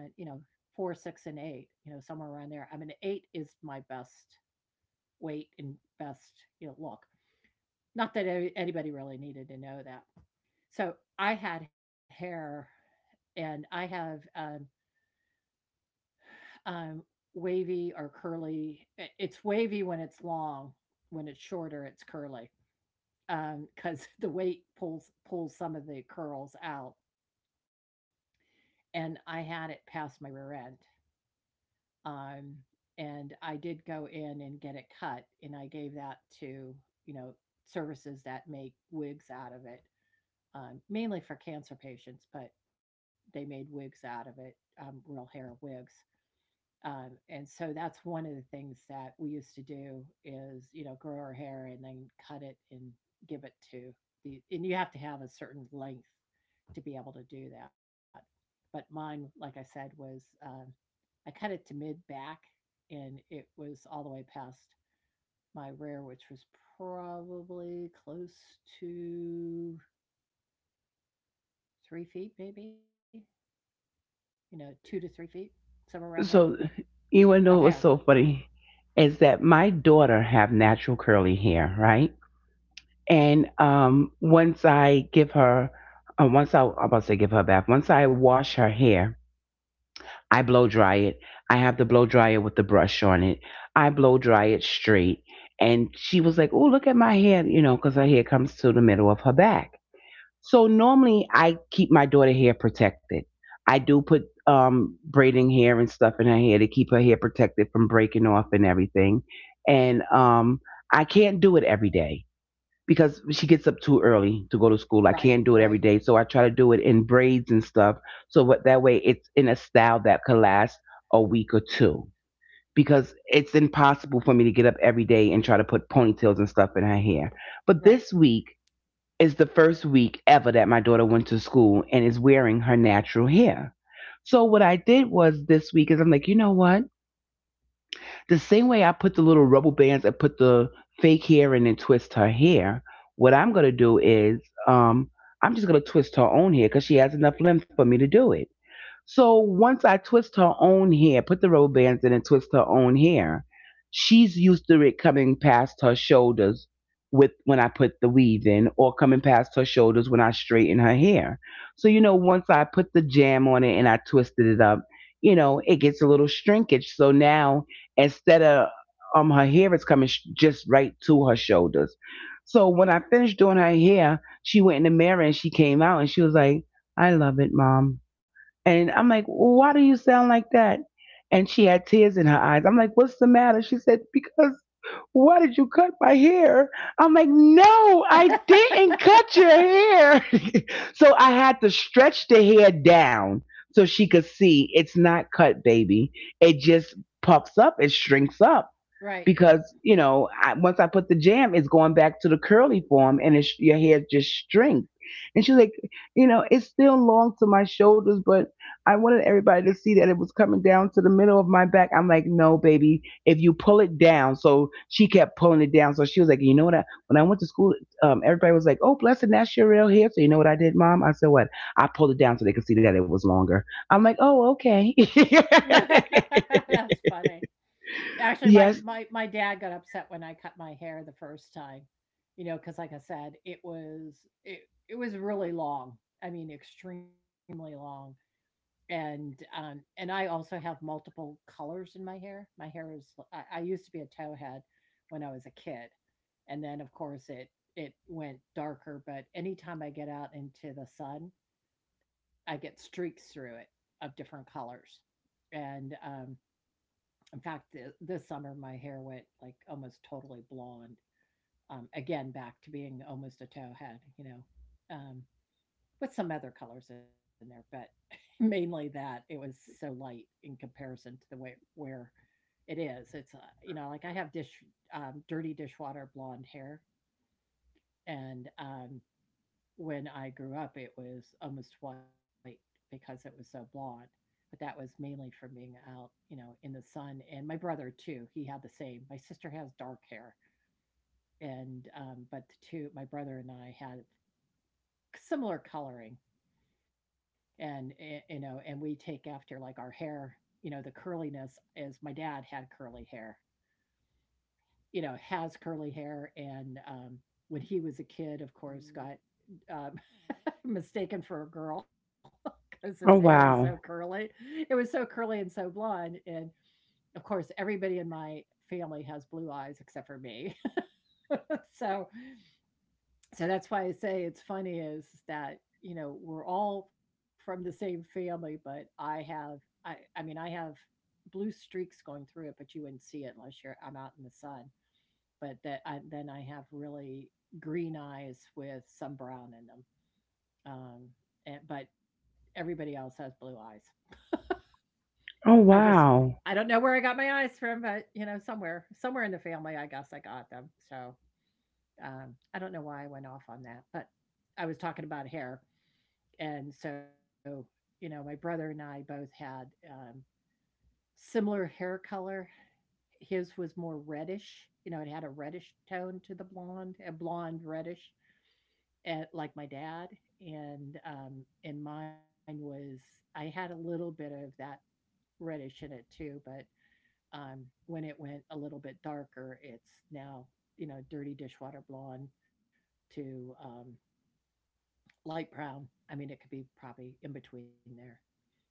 [SPEAKER 2] four, six, and eight, you know, somewhere around there. I mean, eight is my best weight and best, you know, look. Not that anybody really needed to know that. So I had hair, and I have um, um wavy or curly. It's wavy when it's long; when it's shorter it's curly because, um, the weight pulls pulls some of the curls out. And I had it past my rear end. Um, and I did go in and get it cut, and I gave that to, you know, services that make wigs out of it, um, mainly for cancer patients, but they made wigs out of it, um, real hair wigs. Um, and so that's one of the things that we used to do, is, you know, grow our hair and then cut it and give it to the, and you have to have a certain length to be able to do that. But mine, like I said, was um, I cut it to mid back, and it was all the way past my rear, which was probably close to three feet, maybe, you know, two to three feet, somewhere around there,
[SPEAKER 1] So you wanna
[SPEAKER 2] of
[SPEAKER 1] know what was
[SPEAKER 2] hair.
[SPEAKER 1] so funny is that my daughter have natural curly hair, right? And um, once I give her, uh, once I, I'm about to say give her a bath. Once I wash her hair, I blow dry it. I have the blow dryer with the brush on it. I blow dry it straight, and she was like, "Oh, look at my hair," you know, because her hair comes to the middle of her back. So normally I keep my daughter hair protected. I do put um braiding hair and stuff in her hair to keep her hair protected from breaking off and everything. And um I can't do it every day because she gets up too early to go to school. I
[SPEAKER 2] Right,
[SPEAKER 1] can't do it every
[SPEAKER 2] right,
[SPEAKER 1] day, so I try to do it in braids and stuff. So what, that way it's in a style that could last a week or two because it's impossible for me to get up every day and try to put ponytails and stuff in her hair. But
[SPEAKER 2] right.
[SPEAKER 1] this week is the first week ever that my daughter went to school and is wearing her natural hair. So what I did was this week is I'm like, you know what? The same way I put the little rubber bands and put the fake hair in and twist her hair, what I'm gonna do is um I'm just gonna twist her own hair because she has enough length for me to do it. So once I twist her own hair, put the robe bands in and twist her own hair, she's used to it coming past her shoulders with when I put the weave in or coming past her shoulders when I straighten her hair. So you know, once I put the jam on it and I twisted it up, you know, it gets a little shrinkage. So now instead of um her hair is coming sh- just right to her shoulders. So when I finished doing her hair, she went in the mirror and she came out and she was like, "I love it, mom." And I'm like, well, why do you sound like that? And she had tears in her eyes. I'm like, what's the matter? She said, because why did you cut my hair? I'm like, no, I didn't cut your hair. So I had to stretch the hair down so she could see it's not cut, baby. It just puffs up, it shrinks up
[SPEAKER 2] Right.
[SPEAKER 1] because you know I, once I put the jam, it's going back to the curly form, and it's your hair just shrinks. And she's like, you know, it's still long to my shoulders, but I wanted everybody to see that it was coming down to the middle of my back. I'm like, no, baby, if you pull it down. So she kept pulling it down. So she was like, you know what? I, when I went to school, um, everybody was like, oh, blessing, that's your real hair. So you know what I did, mom? I said, what? I pulled it down so they could see that it was longer. I'm like, oh, okay.
[SPEAKER 2] That's funny. Actually, my,
[SPEAKER 1] Yes.
[SPEAKER 2] my, my dad got upset when I cut my hair the first time, you know, because like I said, it was it, it was really long. I mean, extremely long. And, um, and I also have multiple colors in my hair. My hair is I, I used to be a towhead when I was a kid. And then of course it it went darker, but anytime I get out into the sun, I get streaks through it of different colors. And um In fact, th- this summer my hair went like almost totally blonde. Um, again, back to being almost a towhead, you know. Um, with some other colors in there, but mainly that it was so light in comparison to the way where it is. It's uh, you know, like I have dish um, dirty dishwater blonde hair, and um, when I grew up, it was almost white because it was so blonde. But that was mainly from being out, you know, in the sun. And my brother too, he had the same. My sister has dark hair, and um, but the two, my brother and I, had similar coloring. and eh, you know, and we take after, like, our hair, you know. The curliness is, my dad had curly hair, you know, has curly hair. And um when he was a kid, of course, Mhm. Got um, mistaken for a girl because his hair was
[SPEAKER 1] Oh,
[SPEAKER 2] so
[SPEAKER 1] wow.
[SPEAKER 2] curly. It was so curly and so blonde. And of course everybody in my family has blue eyes except for me. So, so that's why I say it's funny, is that you know we're all from the same family, but I have, I I mean I have blue streaks going through it, but you wouldn't see it unless you're I'm out in the sun. But that I, then I have really green eyes with some brown in them. Um, and, but everybody else has blue eyes.
[SPEAKER 1] Oh,
[SPEAKER 2] I just I
[SPEAKER 1] wow.
[SPEAKER 2] don't know where I got my eyes from, but you know, somewhere somewhere in the family, I guess I got them. So, um, I don't know why I went off on that, but I was talking about hair. and so you know my brother and i both had um, similar hair color. His was more reddish, you know, it had a reddish tone to the blonde, a blonde reddish, and like my dad. And um and mine was, I had a little bit of that reddish in it too, but um when it went a little bit darker, it's now, you know, dirty dishwater blonde to um light brown. I mean, it could be probably in between there now.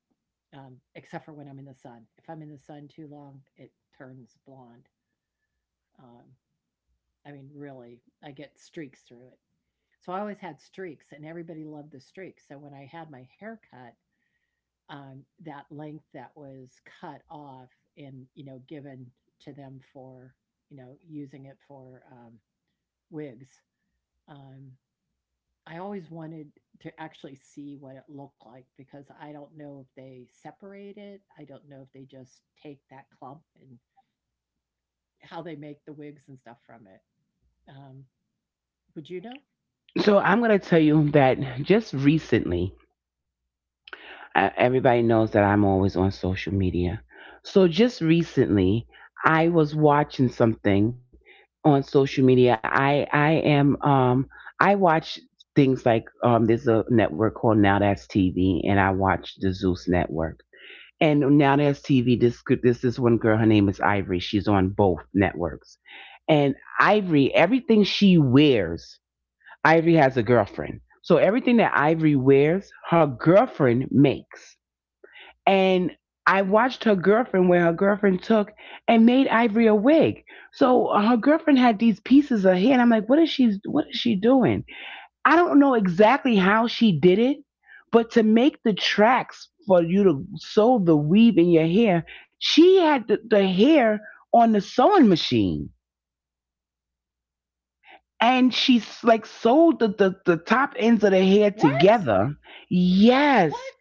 [SPEAKER 2] um, Except for when I'm in the sun. If I'm in the sun too long, it turns blonde. Um, I mean, really, I get streaks through it. So I always had streaks, and everybody loved the streaks. So when I had my hair cut, um, that length that was cut off and, you know, given to them for, you know, using it for um, wigs. Um, I always wanted to actually see what it looked like, because I don't know if they separate it. I don't know if they just take that clump and how they make the wigs and stuff from it. Um, would you know?
[SPEAKER 1] So I'm going to tell you that just recently, uh, everybody knows that I'm always on social media. So just recently, I was watching something on social media. I I am um I watch things like um there's a network called Now That's T V, and I watch the Zeus network. And Now That's T V, this this this one girl, her name is Ivory. She's on both networks. And Ivory everything she wears Ivory has a girlfriend. So everything that Ivory wears, her girlfriend makes. And I watched her girlfriend where her girlfriend took and made Ivory a wig. So her girlfriend had these pieces of hair and I'm like, what is she what is she doing? I don't know exactly how she did it, but to make the tracks for you to sew the weave in your hair, she had the, the hair on the sewing machine, and she's like sewed the, the, the top ends of the hair
[SPEAKER 2] What?
[SPEAKER 1] together.
[SPEAKER 2] What?
[SPEAKER 1] Yes.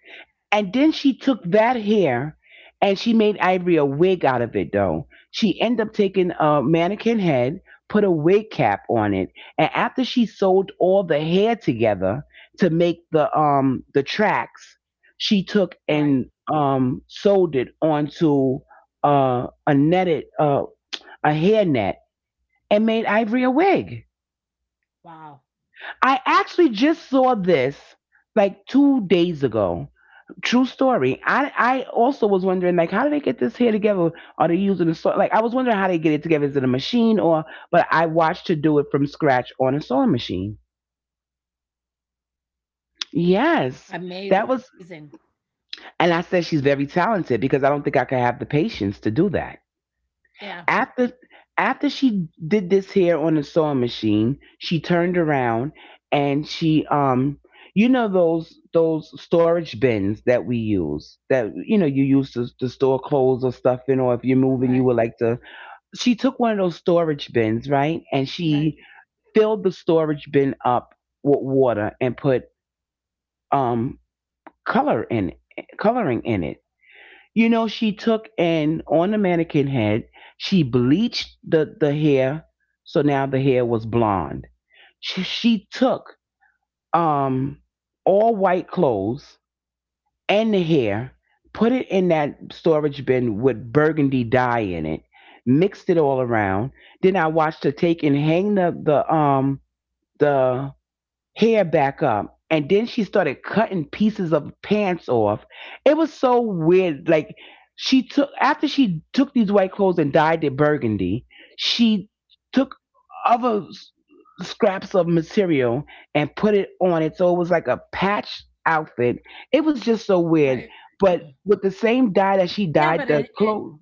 [SPEAKER 1] And then she took that hair and she made Ivory a wig out of it though. She ended up taking a mannequin head, put a wig cap on it, and after she sewed all the hair together to make the um the tracks, she
[SPEAKER 2] Right.
[SPEAKER 1] took and um sewed it onto uh a netted uh a hair net, and made Ivory a wig.
[SPEAKER 2] Wow.
[SPEAKER 1] I actually just saw this like two days ago. True story. I I also was wondering like, how do they get this hair together? Are they using a so like I was wondering how they get it together? Is it a machine or? But I watched her do it from scratch on a sewing machine. Yes, that
[SPEAKER 2] Amazing.
[SPEAKER 1] was. And I said she's very talented because I don't think I could have the patience to do that.
[SPEAKER 2] Yeah.
[SPEAKER 1] after After she did this hair on the sewing machine, she turned around and she, um you know those those storage bins that we use, that you know you use to, to store clothes or stuff in, or if you're moving
[SPEAKER 2] Right.
[SPEAKER 1] you would like to, she took one of those storage bins, right, and
[SPEAKER 2] Right.
[SPEAKER 1] she filled the storage bin up with water and put um color in it, coloring in it, you know. She took, and on the mannequin head, she bleached the the hair, so now the hair was blonde. She, she took um all white clothes and the hair, put it in that storage bin with burgundy dye in it, mixed it all around. Then I watched her take and hang the the um the hair back up. And then she started cutting pieces of pants off. It was so weird. Like she took after she took these white clothes and dyed it burgundy, she took other s- scraps of material and put it on it. So it was like a patch outfit. It was just so
[SPEAKER 2] Right.
[SPEAKER 1] weird. But with the same dye that
[SPEAKER 2] Yeah,
[SPEAKER 1] she
[SPEAKER 2] but it,
[SPEAKER 1] dyed the
[SPEAKER 2] it
[SPEAKER 1] clothes.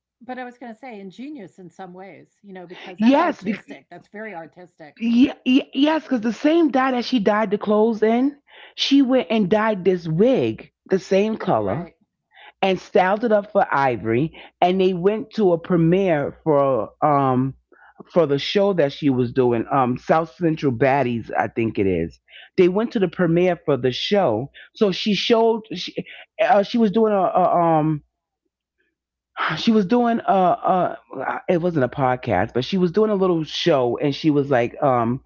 [SPEAKER 2] but I was going to say ingenious in some ways, you know, because that's
[SPEAKER 1] Yes,
[SPEAKER 2] artistic. That's very artistic.
[SPEAKER 1] Yeah, y- yes, because the same dye that she dyed the clothes in, she went and dyed this wig the same
[SPEAKER 2] Right.
[SPEAKER 1] color and styled it up for Ivory. And they went to a premiere for um for the show that she was doing, um South Central Baddies, I think it is. They went to the premiere for the show, so she showed she uh, she was doing a, a um she was doing a, a it wasn't a podcast, but she was doing a little show, and she was like, um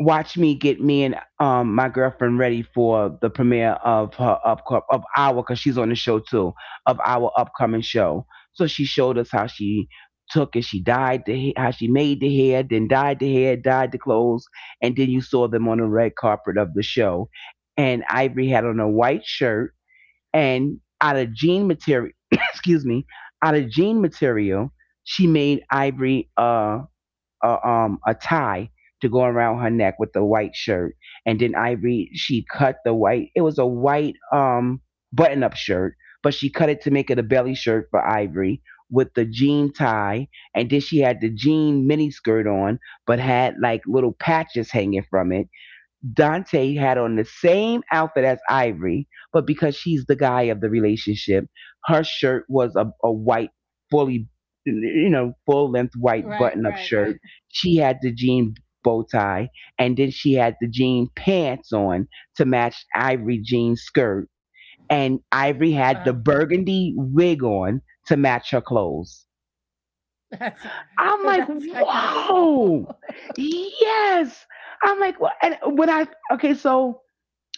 [SPEAKER 1] watch me get me and um my girlfriend ready for the premiere of her up of our, because she's on the show too, of our upcoming show. So she showed us how she took and she dyed the ha- how she made the hair, then dyed the hair, dyed the clothes, and then you saw them on the red carpet of the show. And Ivory had on a white shirt and out of jean material, excuse me, out of jean material, she made Ivory uh a um a tie to go around her neck with the white shirt. And then I read she cut the white it was a white um button up shirt, but she cut it to make it a belly shirt for Ivory with the jean tie. And then she had the jean mini skirt on, but had like little patches hanging from it. Dante had on the same outfit as Ivory, but because she's the guy of the relationship, her shirt was a, a white, fully, you know, full length white
[SPEAKER 2] Right.
[SPEAKER 1] button up
[SPEAKER 2] Right. Right.
[SPEAKER 1] shirt. She had the jean bow tie, and then she had the jean pants on to match Ivory jean skirt. And Ivory
[SPEAKER 2] Wow.
[SPEAKER 1] had the burgundy wig on to match her clothes.
[SPEAKER 2] That's
[SPEAKER 1] I'm like,
[SPEAKER 2] that's kind of cool.
[SPEAKER 1] whoa, yes. I'm like, wha- and when I okay, so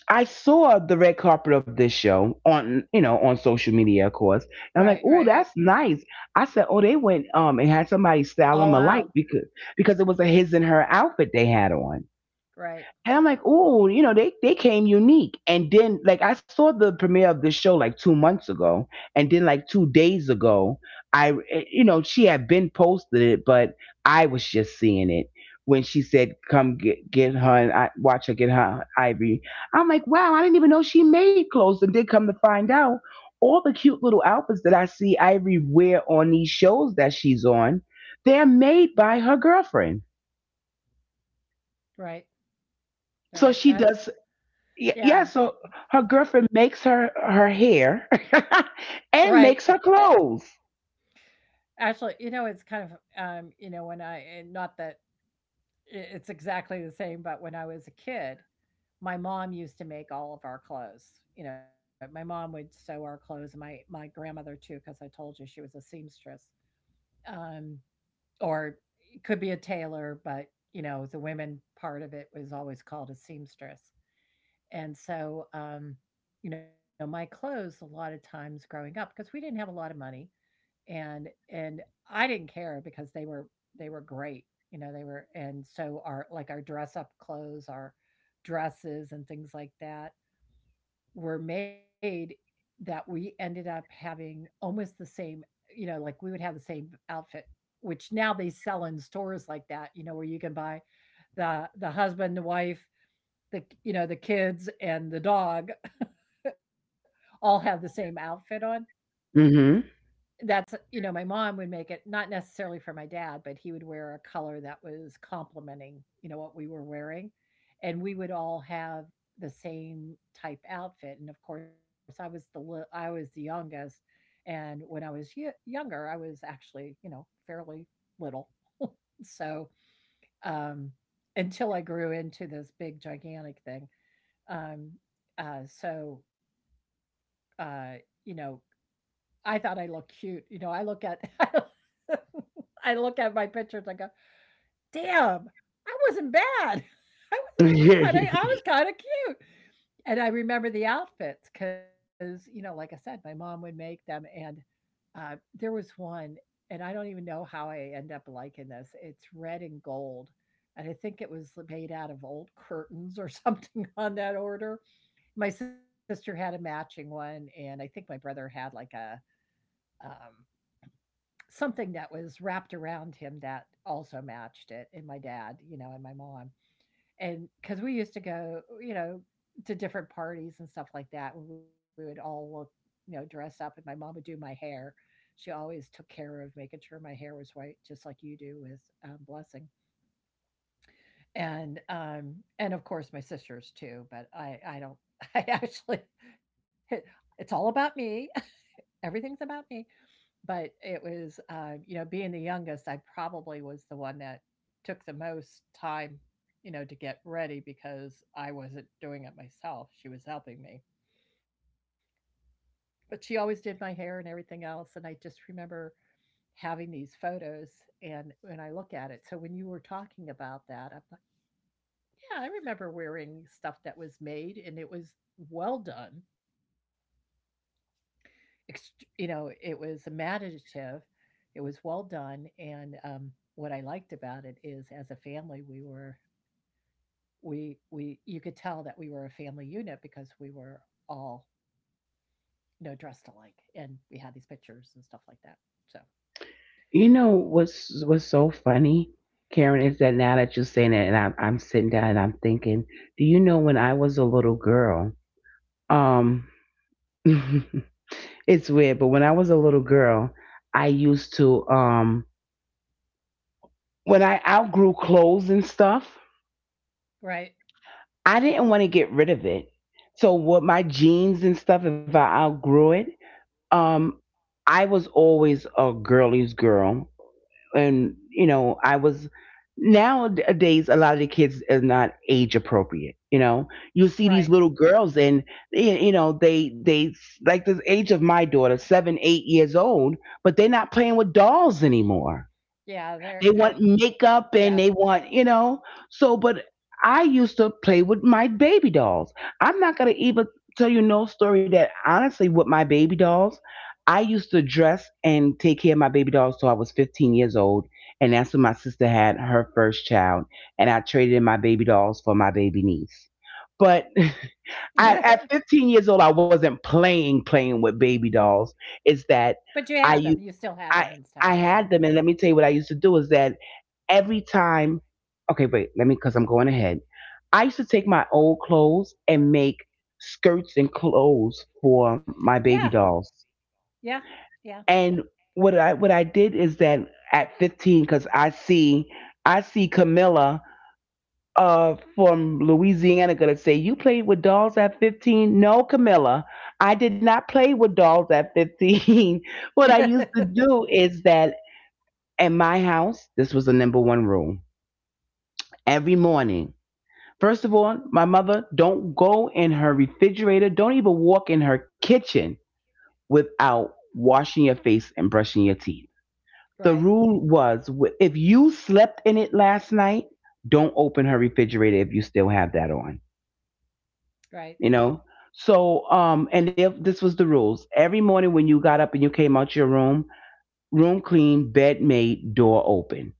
[SPEAKER 1] I saw the red carpet of this show on, you know, on social media, of course.
[SPEAKER 2] Right.
[SPEAKER 1] And I'm like,
[SPEAKER 2] Right. Right.
[SPEAKER 1] oh, that's nice. I said, oh, they went um and had somebody style them
[SPEAKER 2] All
[SPEAKER 1] alike,
[SPEAKER 2] out.
[SPEAKER 1] because because it was a his and her outfit they had on.
[SPEAKER 2] Right.
[SPEAKER 1] And I'm like, oh, you know, they they came unique. And then like I saw the premiere of this show like two months ago, and then like two days ago, I eh, you know she had been posted it, but I was just seeing it when she said, "Come get get her and I, watch her get her Ivory." I'm like, wow, I didn't even know she made clothes, and then come to find out, all the cute little outfits that I see Ivory wear on these shows that she's on, they're made by her girlfriend.
[SPEAKER 2] Right.
[SPEAKER 1] So
[SPEAKER 2] Right.
[SPEAKER 1] she
[SPEAKER 2] That's
[SPEAKER 1] does Y- Yeah,
[SPEAKER 2] yeah.
[SPEAKER 1] So her girlfriend makes her her hair
[SPEAKER 2] Right.
[SPEAKER 1] and makes her clothes.
[SPEAKER 2] Actually, you know, it's kind of, um, you know, when I, and not that i it's exactly the same, but when I was a kid, my mom used to make all of our clothes. You know, my mom would sew our clothes, and my my grandmother too, because I told you she was a seamstress, um, or it could be a tailor, but, you know, the women part of it was always called a seamstress. And so, um, you know, my clothes a lot of times growing up, because we didn't have a lot of money, and and I didn't care, because they were they were great, you know, they were. And so our, like our dress up clothes, our dresses and things like that were made, that we ended up having almost the same, you know, like we would have the same outfit, which now they sell in stores like that, you know, where you can buy the the husband, the wife, the, you know, the kids and the dog, all have the same outfit on.
[SPEAKER 1] Hmm.
[SPEAKER 2] That's, you know, my mom would make it, not necessarily for my dad, but he would wear a color that was complementing, you know, what we were wearing, and we would all have the same type outfit. And of course, I was the li, I was the youngest, and when I was yo younger, I was actually, you know, fairly little. So, um, until I grew into this big gigantic thing, um, uh, so, uh, you know, I thought I looked cute. You know, I look at I look at my pictures and go, "Damn, I wasn't bad. I was I was kind of I
[SPEAKER 1] You
[SPEAKER 2] was kind of cute." And I remember the outfits, cuz you know, like I said, my mom would make them, and uh, there was one, and I don't even know how I end up liking this. It's red and gold. And I think it was made out of old curtains or something on that order. My sister had a matching one, and I think my brother had like a um, something that was wrapped around him that also matched it, and my dad, you know, and my mom. And because we used to go, you know, to different parties and stuff like that, and we would all look, you know, dress up, and my mom would do my hair. She always took care of making sure my hair was white, just like you do with, um, Blessing. And, um, and of course, my sisters too, but I I don't I actually it, it's all about me. Everything's about me. But it was, uh, you know, being the youngest, I probably was the one that took the most time, you know, to get ready, because I wasn't doing it myself. She was helping me. But she always did my hair and everything else. And I just remember having these photos, and when I look at it. So when you were talking about that, I'm like, yeah, I remember wearing stuff that was made, and it was well done. Ext, you know, it was imaginative, it was well done, and, um, what I liked about it is as a family, we were we we you could tell that we were a family unit, because we were all, you know, dressed alike, and we had these pictures and stuff like that, so.
[SPEAKER 1] know what's what's so funny, Karen, is that now that you're saying it, and I'm I'm sitting down and I'm thinking, do you know when I was a little girl? Um, it's weird, but when I was a little girl, I used to um when I outgrew clothes and stuff,
[SPEAKER 2] Right,
[SPEAKER 1] I didn't want to get rid of it. So what my jeans and stuff, if I outgrew it, Um, I was always a girly's girl, and you know, I was nowadays a lot of the kids are not age appropriate. You know, you see these
[SPEAKER 2] right.
[SPEAKER 1] little girls, and y- you know, they they like the age of my daughter, seven, eight years old, but they're not playing with dolls anymore.
[SPEAKER 2] Yeah, there,
[SPEAKER 1] They
[SPEAKER 2] uh,
[SPEAKER 1] want makeup and
[SPEAKER 2] yeah.
[SPEAKER 1] they want, you know. So, but I used to play with my baby dolls. I'm not going to even tell you no story that honestly, with my baby dolls, I used to dress and take care of my baby dolls till I was fifteen years old. And that's when my sister had her first child. And I traded in my baby dolls for my baby niece. But I, at fifteen years old, I wasn't playing, playing with baby dolls. It's that
[SPEAKER 2] But you had them,
[SPEAKER 1] I
[SPEAKER 2] you
[SPEAKER 1] used,
[SPEAKER 2] still had them and
[SPEAKER 1] I,
[SPEAKER 2] stuff like
[SPEAKER 1] I
[SPEAKER 2] that.
[SPEAKER 1] had them. And let me tell you what I used to do is that every time. Okay, wait, let me, because I'm going ahead. I used to take my old clothes and make skirts and clothes for
[SPEAKER 2] Yeah,
[SPEAKER 1] my baby dolls.
[SPEAKER 2] yeah, yeah.
[SPEAKER 1] And what I what I did is that at fifteen, because I see I see Camilla, uh, from Louisiana gonna say, "You played with dolls at fifteen?" No, Camilla, I did not play with dolls at fifteen. What I used to do is that in my house, this was the number one rule. Every morning. First of all, my mother, don't go in her refrigerator. Don't even walk in her kitchen without washing your face and brushing your teeth. The
[SPEAKER 2] Right,
[SPEAKER 1] rule was wh- if you slept in it last night, don't open her refrigerator if you still have that on,
[SPEAKER 2] right,
[SPEAKER 1] you know? So, um, and if this was the rules every morning when you got up and you came out your room, room clean, bed made, door open.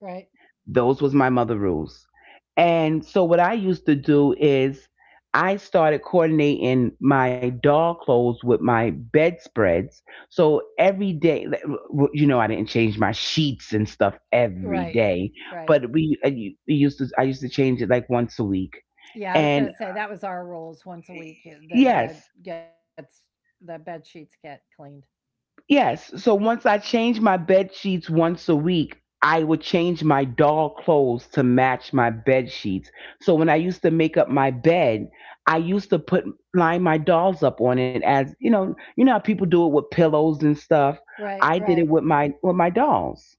[SPEAKER 2] right,
[SPEAKER 1] Those was my mother rules. And so what I used to do is I started coordinating my doll clothes with my bedspreads. So every day, you know, I didn't change my sheets and stuff every
[SPEAKER 2] right,
[SPEAKER 1] day,
[SPEAKER 2] right.
[SPEAKER 1] but we, I- we used to, I used to change it like once a week.
[SPEAKER 2] Yeah, I was
[SPEAKER 1] And
[SPEAKER 2] gonna say that was our rules, once a week. Y- The bed
[SPEAKER 1] yes,
[SPEAKER 2] gets the bed sheets get cleaned.
[SPEAKER 1] yes. So once I change my bed sheets once a week, I would change my doll clothes to match my bed sheets. So when I used to make up my bed, I used to put line my dolls up on it as you know, you know how people do it with pillows and stuff.
[SPEAKER 2] Right,
[SPEAKER 1] I
[SPEAKER 2] right,
[SPEAKER 1] did it with my with my dolls.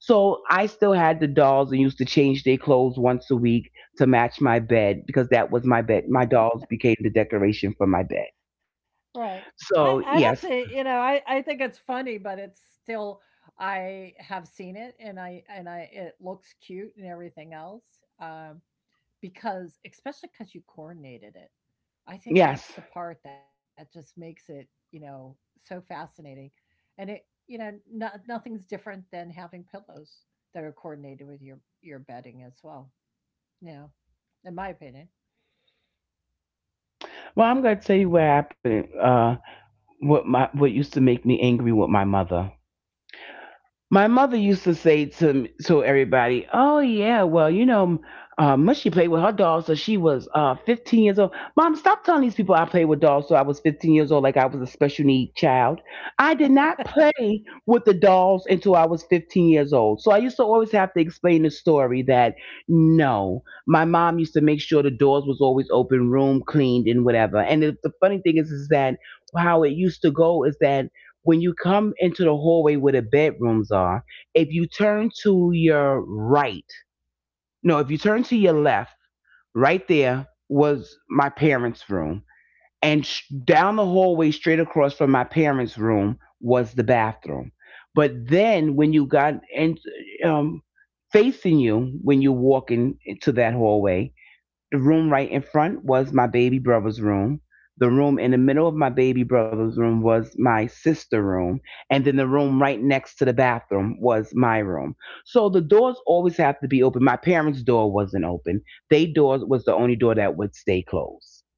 [SPEAKER 1] So I still had the dolls and used to change their clothes once a week to match my bed because that was my bed. My dolls became the decoration for my bed.
[SPEAKER 2] right. I I
[SPEAKER 1] So
[SPEAKER 2] don't say,
[SPEAKER 1] yes,
[SPEAKER 2] you know, I I think it's funny, but it's still I have seen it, and I and I it looks cute and everything else. Um, because especially because you coordinated it. I think that's
[SPEAKER 1] yes.
[SPEAKER 2] the part that just makes it, you know, so fascinating. And it, you know, no, nothing's different than having pillows that are coordinated with your your bedding as well. You know, in my opinion.
[SPEAKER 1] Well, I'm going to tell you what happened. Uh, what my what used to make me angry with my mother. My mother used to say to to everybody, "Oh yeah, well you know, uh, Mushy played with her dolls till she was uh, fifteen years old." Mom, stop telling these people I played with dolls till I was fifteen years old, like I was a special need child. I did not play with the dolls until I was fifteen years old. So I used to always have to explain the story that no, my mom used to make sure the doors was always open, room cleaned, and whatever. And the, the funny thing is, is that how it used to go is that when you come into the hallway where the bedrooms are, if you turn to your right, no, if you turn to your left, right there was my parents' room. And sh- down the hallway, straight across from my parents' room, was the bathroom. But then when you got in, um, facing you, when you're walking into that hallway, the room right in front was my baby brother's room. The room in the middle of my baby brother's room was my sister room. And then the room right next to the bathroom was my room. So the doors always have to be open. My parents' door wasn't open. They door was the only door that would stay closed.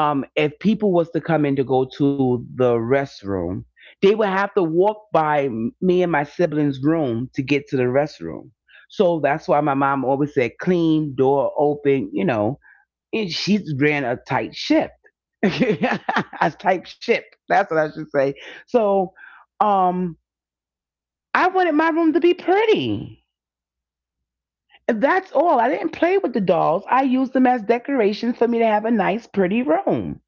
[SPEAKER 1] Um, if people was to come in to go to the restroom, they would have to walk by me and my siblings' room to get to the restroom. So that's why my mom always said clean, door open, you know it, she ran a tight ship. A tight ship. That's what I should say. So, um, I wanted my room to be pretty. And that's all. I didn't play with the dolls. I used them as decoration for me to have a nice, pretty room.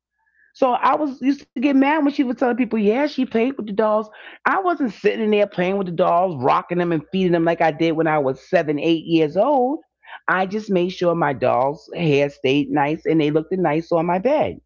[SPEAKER 1] So I was used to get mad when she was telling people, yeah, she played with the dolls. I wasn't sitting in there playing with the dolls, rocking them and feeding them like I did when I was seven, eight years old. I just made sure my dolls' hair stayed nice and they looked nice on my bed.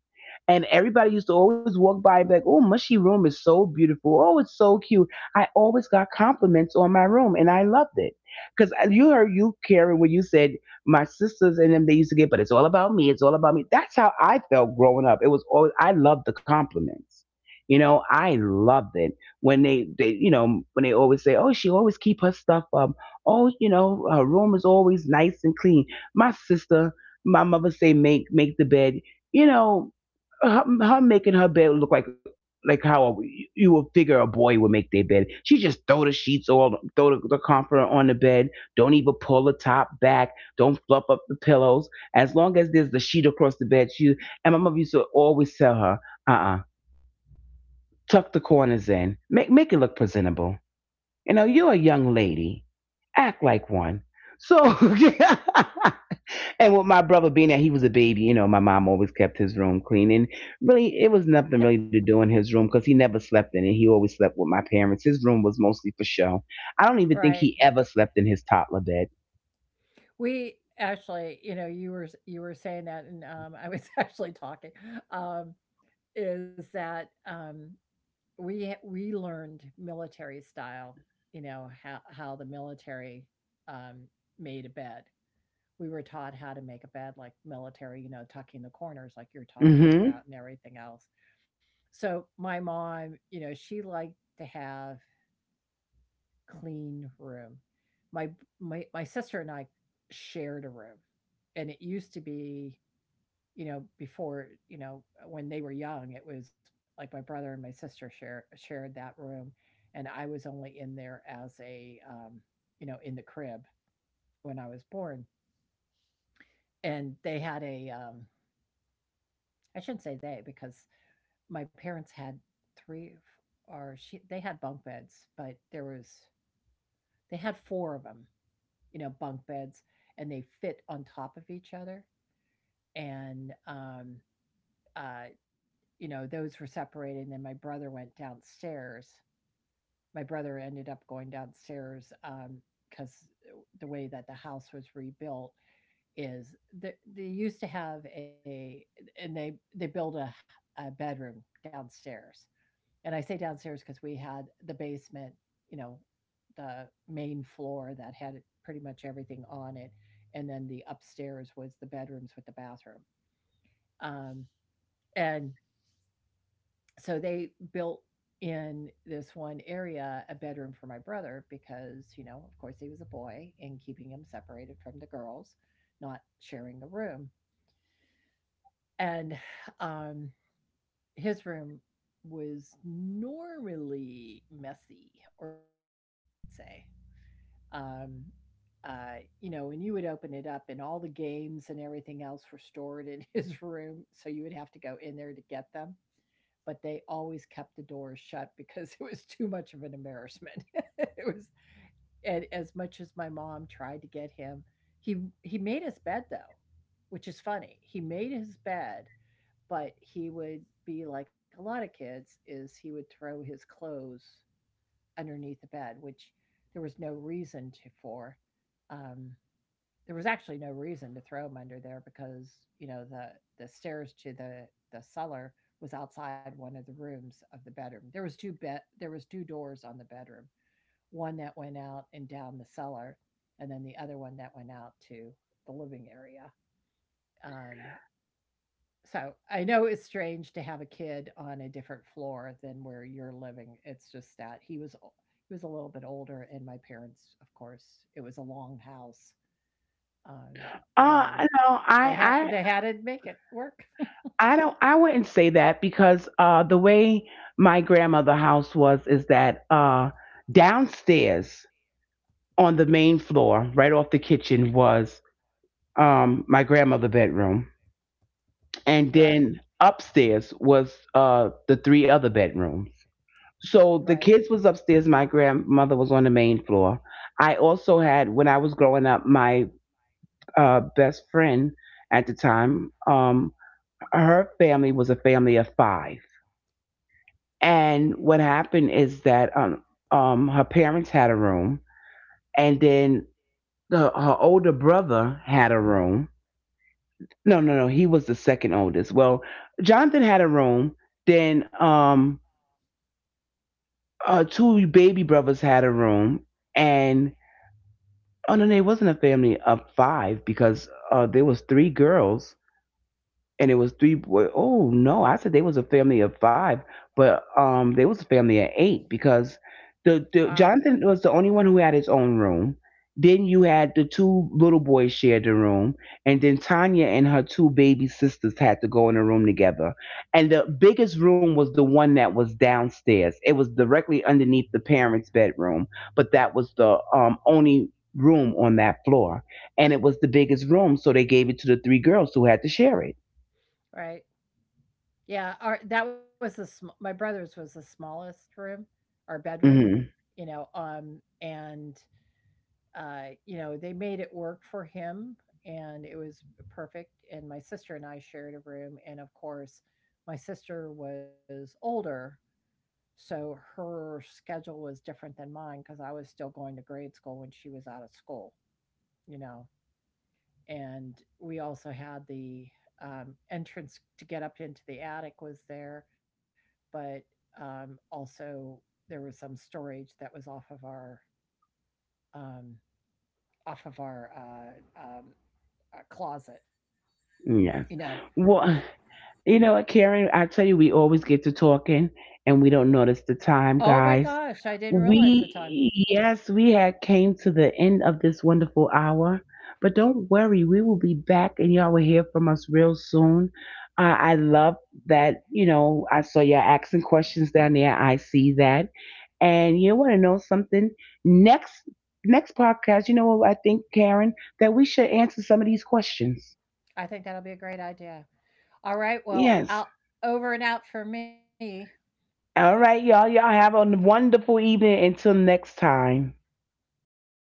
[SPEAKER 1] And everybody used to always walk by and be like, oh, Mushy Room is so beautiful. Oh, it's so cute. I always got compliments on my room and I loved it. Because you heard you, Karen, when you said, my sisters and them, they used to get, but it's all about me. It's all about me. That's how I felt growing up. It was always, I loved the compliments. You know, I loved it when they, they, you know, when they always say, "Oh, she always keep her stuff up." Oh, you know, her room is always nice and clean. My sister, my mother say, "Make make the bed." You know, her, her making her bed look like like how a, you would figure a boy would make their bed. She just throw the sheets all throw the, the comforter on the bed. Don't even pull the top back. Don't fluff up the pillows. As long as there's the sheet across the bed, she and my mother used to always tell her, uh uh tuck the corners in, make make it look presentable. You know, you're a young lady, act like one. So and with my brother being that he was a baby, you know, my mom always kept his room clean. And really, it was nothing really to do in his room because he never slept in it. He always slept with my parents. His room was mostly for show. I don't even
[SPEAKER 2] Right.
[SPEAKER 1] think he ever slept in his toddler bed.
[SPEAKER 2] We actually, you know, you were you were saying that, and um, I was actually talking. Um, is that um, we we learned military style. You know how how the military um, made a bed, we were taught how to make a bed like military, you know, tucking the corners like you're talking
[SPEAKER 1] Hmm.
[SPEAKER 2] about and everything else. So my mom, you know, she liked to have clean room. My my my sister and I shared a room. And it used to be, you know, before, you know, when they were young, it was like my brother and my sister share shared that room, and I was only in there as a um, you know, in the crib when I was born. And they had a um I shouldn't say they, because my parents had three, or she they had bunk beds, but there was they had four of them, you know, bunk beds, and they fit on top of each other. And, um, uh, you know, those were separated, and then my brother went downstairs. My brother ended up going downstairs, um, because the way that the house was rebuilt is that they used to have a, and they they built a a bedroom downstairs, and I say downstairs because we had the basement, you know, the main floor that had pretty much everything on it, and then the upstairs was the bedrooms with the bathroom. Um, and so they built in this one area a bedroom for my brother, because, you know, of course he was a boy, and keeping him separated from the girls, not sharing a room. And um, his room was normally messy, or smelly, I should say. Um, uh, you know, and you would open it up, and all the games and everything else were stored in his room. So you would have to go in there to get them. But they always kept the doors shut, because it was too much of an embarrassment. It was, and as much as my mom tried to get him, he he made his bed though, which is funny. He made his bed, but he would be like a lot of kids is he would throw his clothes underneath the bed, which there was no reason to for. Um, there was actually no reason to throw them under there, because you know the the stairs to the the cellar was outside one of the rooms of the bedroom. There was two bed, there was two doors on the bedroom, one that went out and down the cellar, and then the other one that went out to the living area. Um, so, I know it's strange to have a kid on a different floor than where you're living. It's just that he was o he was a little bit older, and my parents, of course, it was a long house, um, and
[SPEAKER 1] Uh, no,
[SPEAKER 2] they had
[SPEAKER 1] I,
[SPEAKER 2] they had to make it work.
[SPEAKER 1] I, I don't. I wouldn't say that because uh, the way my grandmother house was is that uh, downstairs on the main floor, right off the kitchen, was um, my grandmother bedroom, and
[SPEAKER 2] Right,
[SPEAKER 1] then upstairs was uh, the three other bedrooms. So the
[SPEAKER 2] right.
[SPEAKER 1] kids was upstairs. My grandmother was on the main floor. I also had, when I was growing up, my uh, best friend at the time. Um, her family was a family of five, and what happened is that um, um, her parents had a room, and then the, her older brother had a room. No, no, no. He was the second oldest. Well, Jonathan had a room. Then um, uh, two baby brothers had a room, and oh no, no, it wasn't a family of five because uh, there was three girls. And it was three boy. Oh no, I said they was a family of five, but um, they was a family of eight because the, the
[SPEAKER 2] Wow,
[SPEAKER 1] Jonathan was the only one who had his own room. Then you had the two little boys shared the room, and then Tanya and her two baby sisters had to go in a room together. And the biggest room was the one that was downstairs. It was directly underneath the parents' bedroom, but that was the um only room on that floor, and it was the biggest room, so they gave it to the three girls who had to share it.
[SPEAKER 2] right. Yeah, our that was the sm, my brother's was the smallest room, our bedroom,
[SPEAKER 1] Mhm.
[SPEAKER 2] you know, um, and Uh, you know, they made it work for him, and it was perfect. And my sister and I shared a room. And of course, my sister was older. So her schedule was different than mine, because I was still going to grade school when she was out of school, you know. And we also had the um, entrance to get up into the attic was there, but um, also there was some storage that was off of our um, off of our uh, um, uh, closet,
[SPEAKER 1] Yes.
[SPEAKER 2] you know.
[SPEAKER 1] Well, you know what, Karen? I tell you, we always get to talking and we don't notice the time,
[SPEAKER 2] Oh my
[SPEAKER 1] guys.
[SPEAKER 2] gosh, I didn't realize the time.
[SPEAKER 1] We, yes, we had came to the end of this wonderful hour, but don't worry, we will be back and y'all will hear from us real soon. Uh, I love that, you know, I saw y'all asking questions down there. I see that. And you want to know something? Next, next podcast, you know what I think, Karen, that we should answer some of these questions.
[SPEAKER 2] I think that'll be a great idea. All right, well,
[SPEAKER 1] Yes.
[SPEAKER 2] out over and out for me.
[SPEAKER 1] All right, y'all. Y'all have a wonderful evening until next time.
[SPEAKER 2] Bye.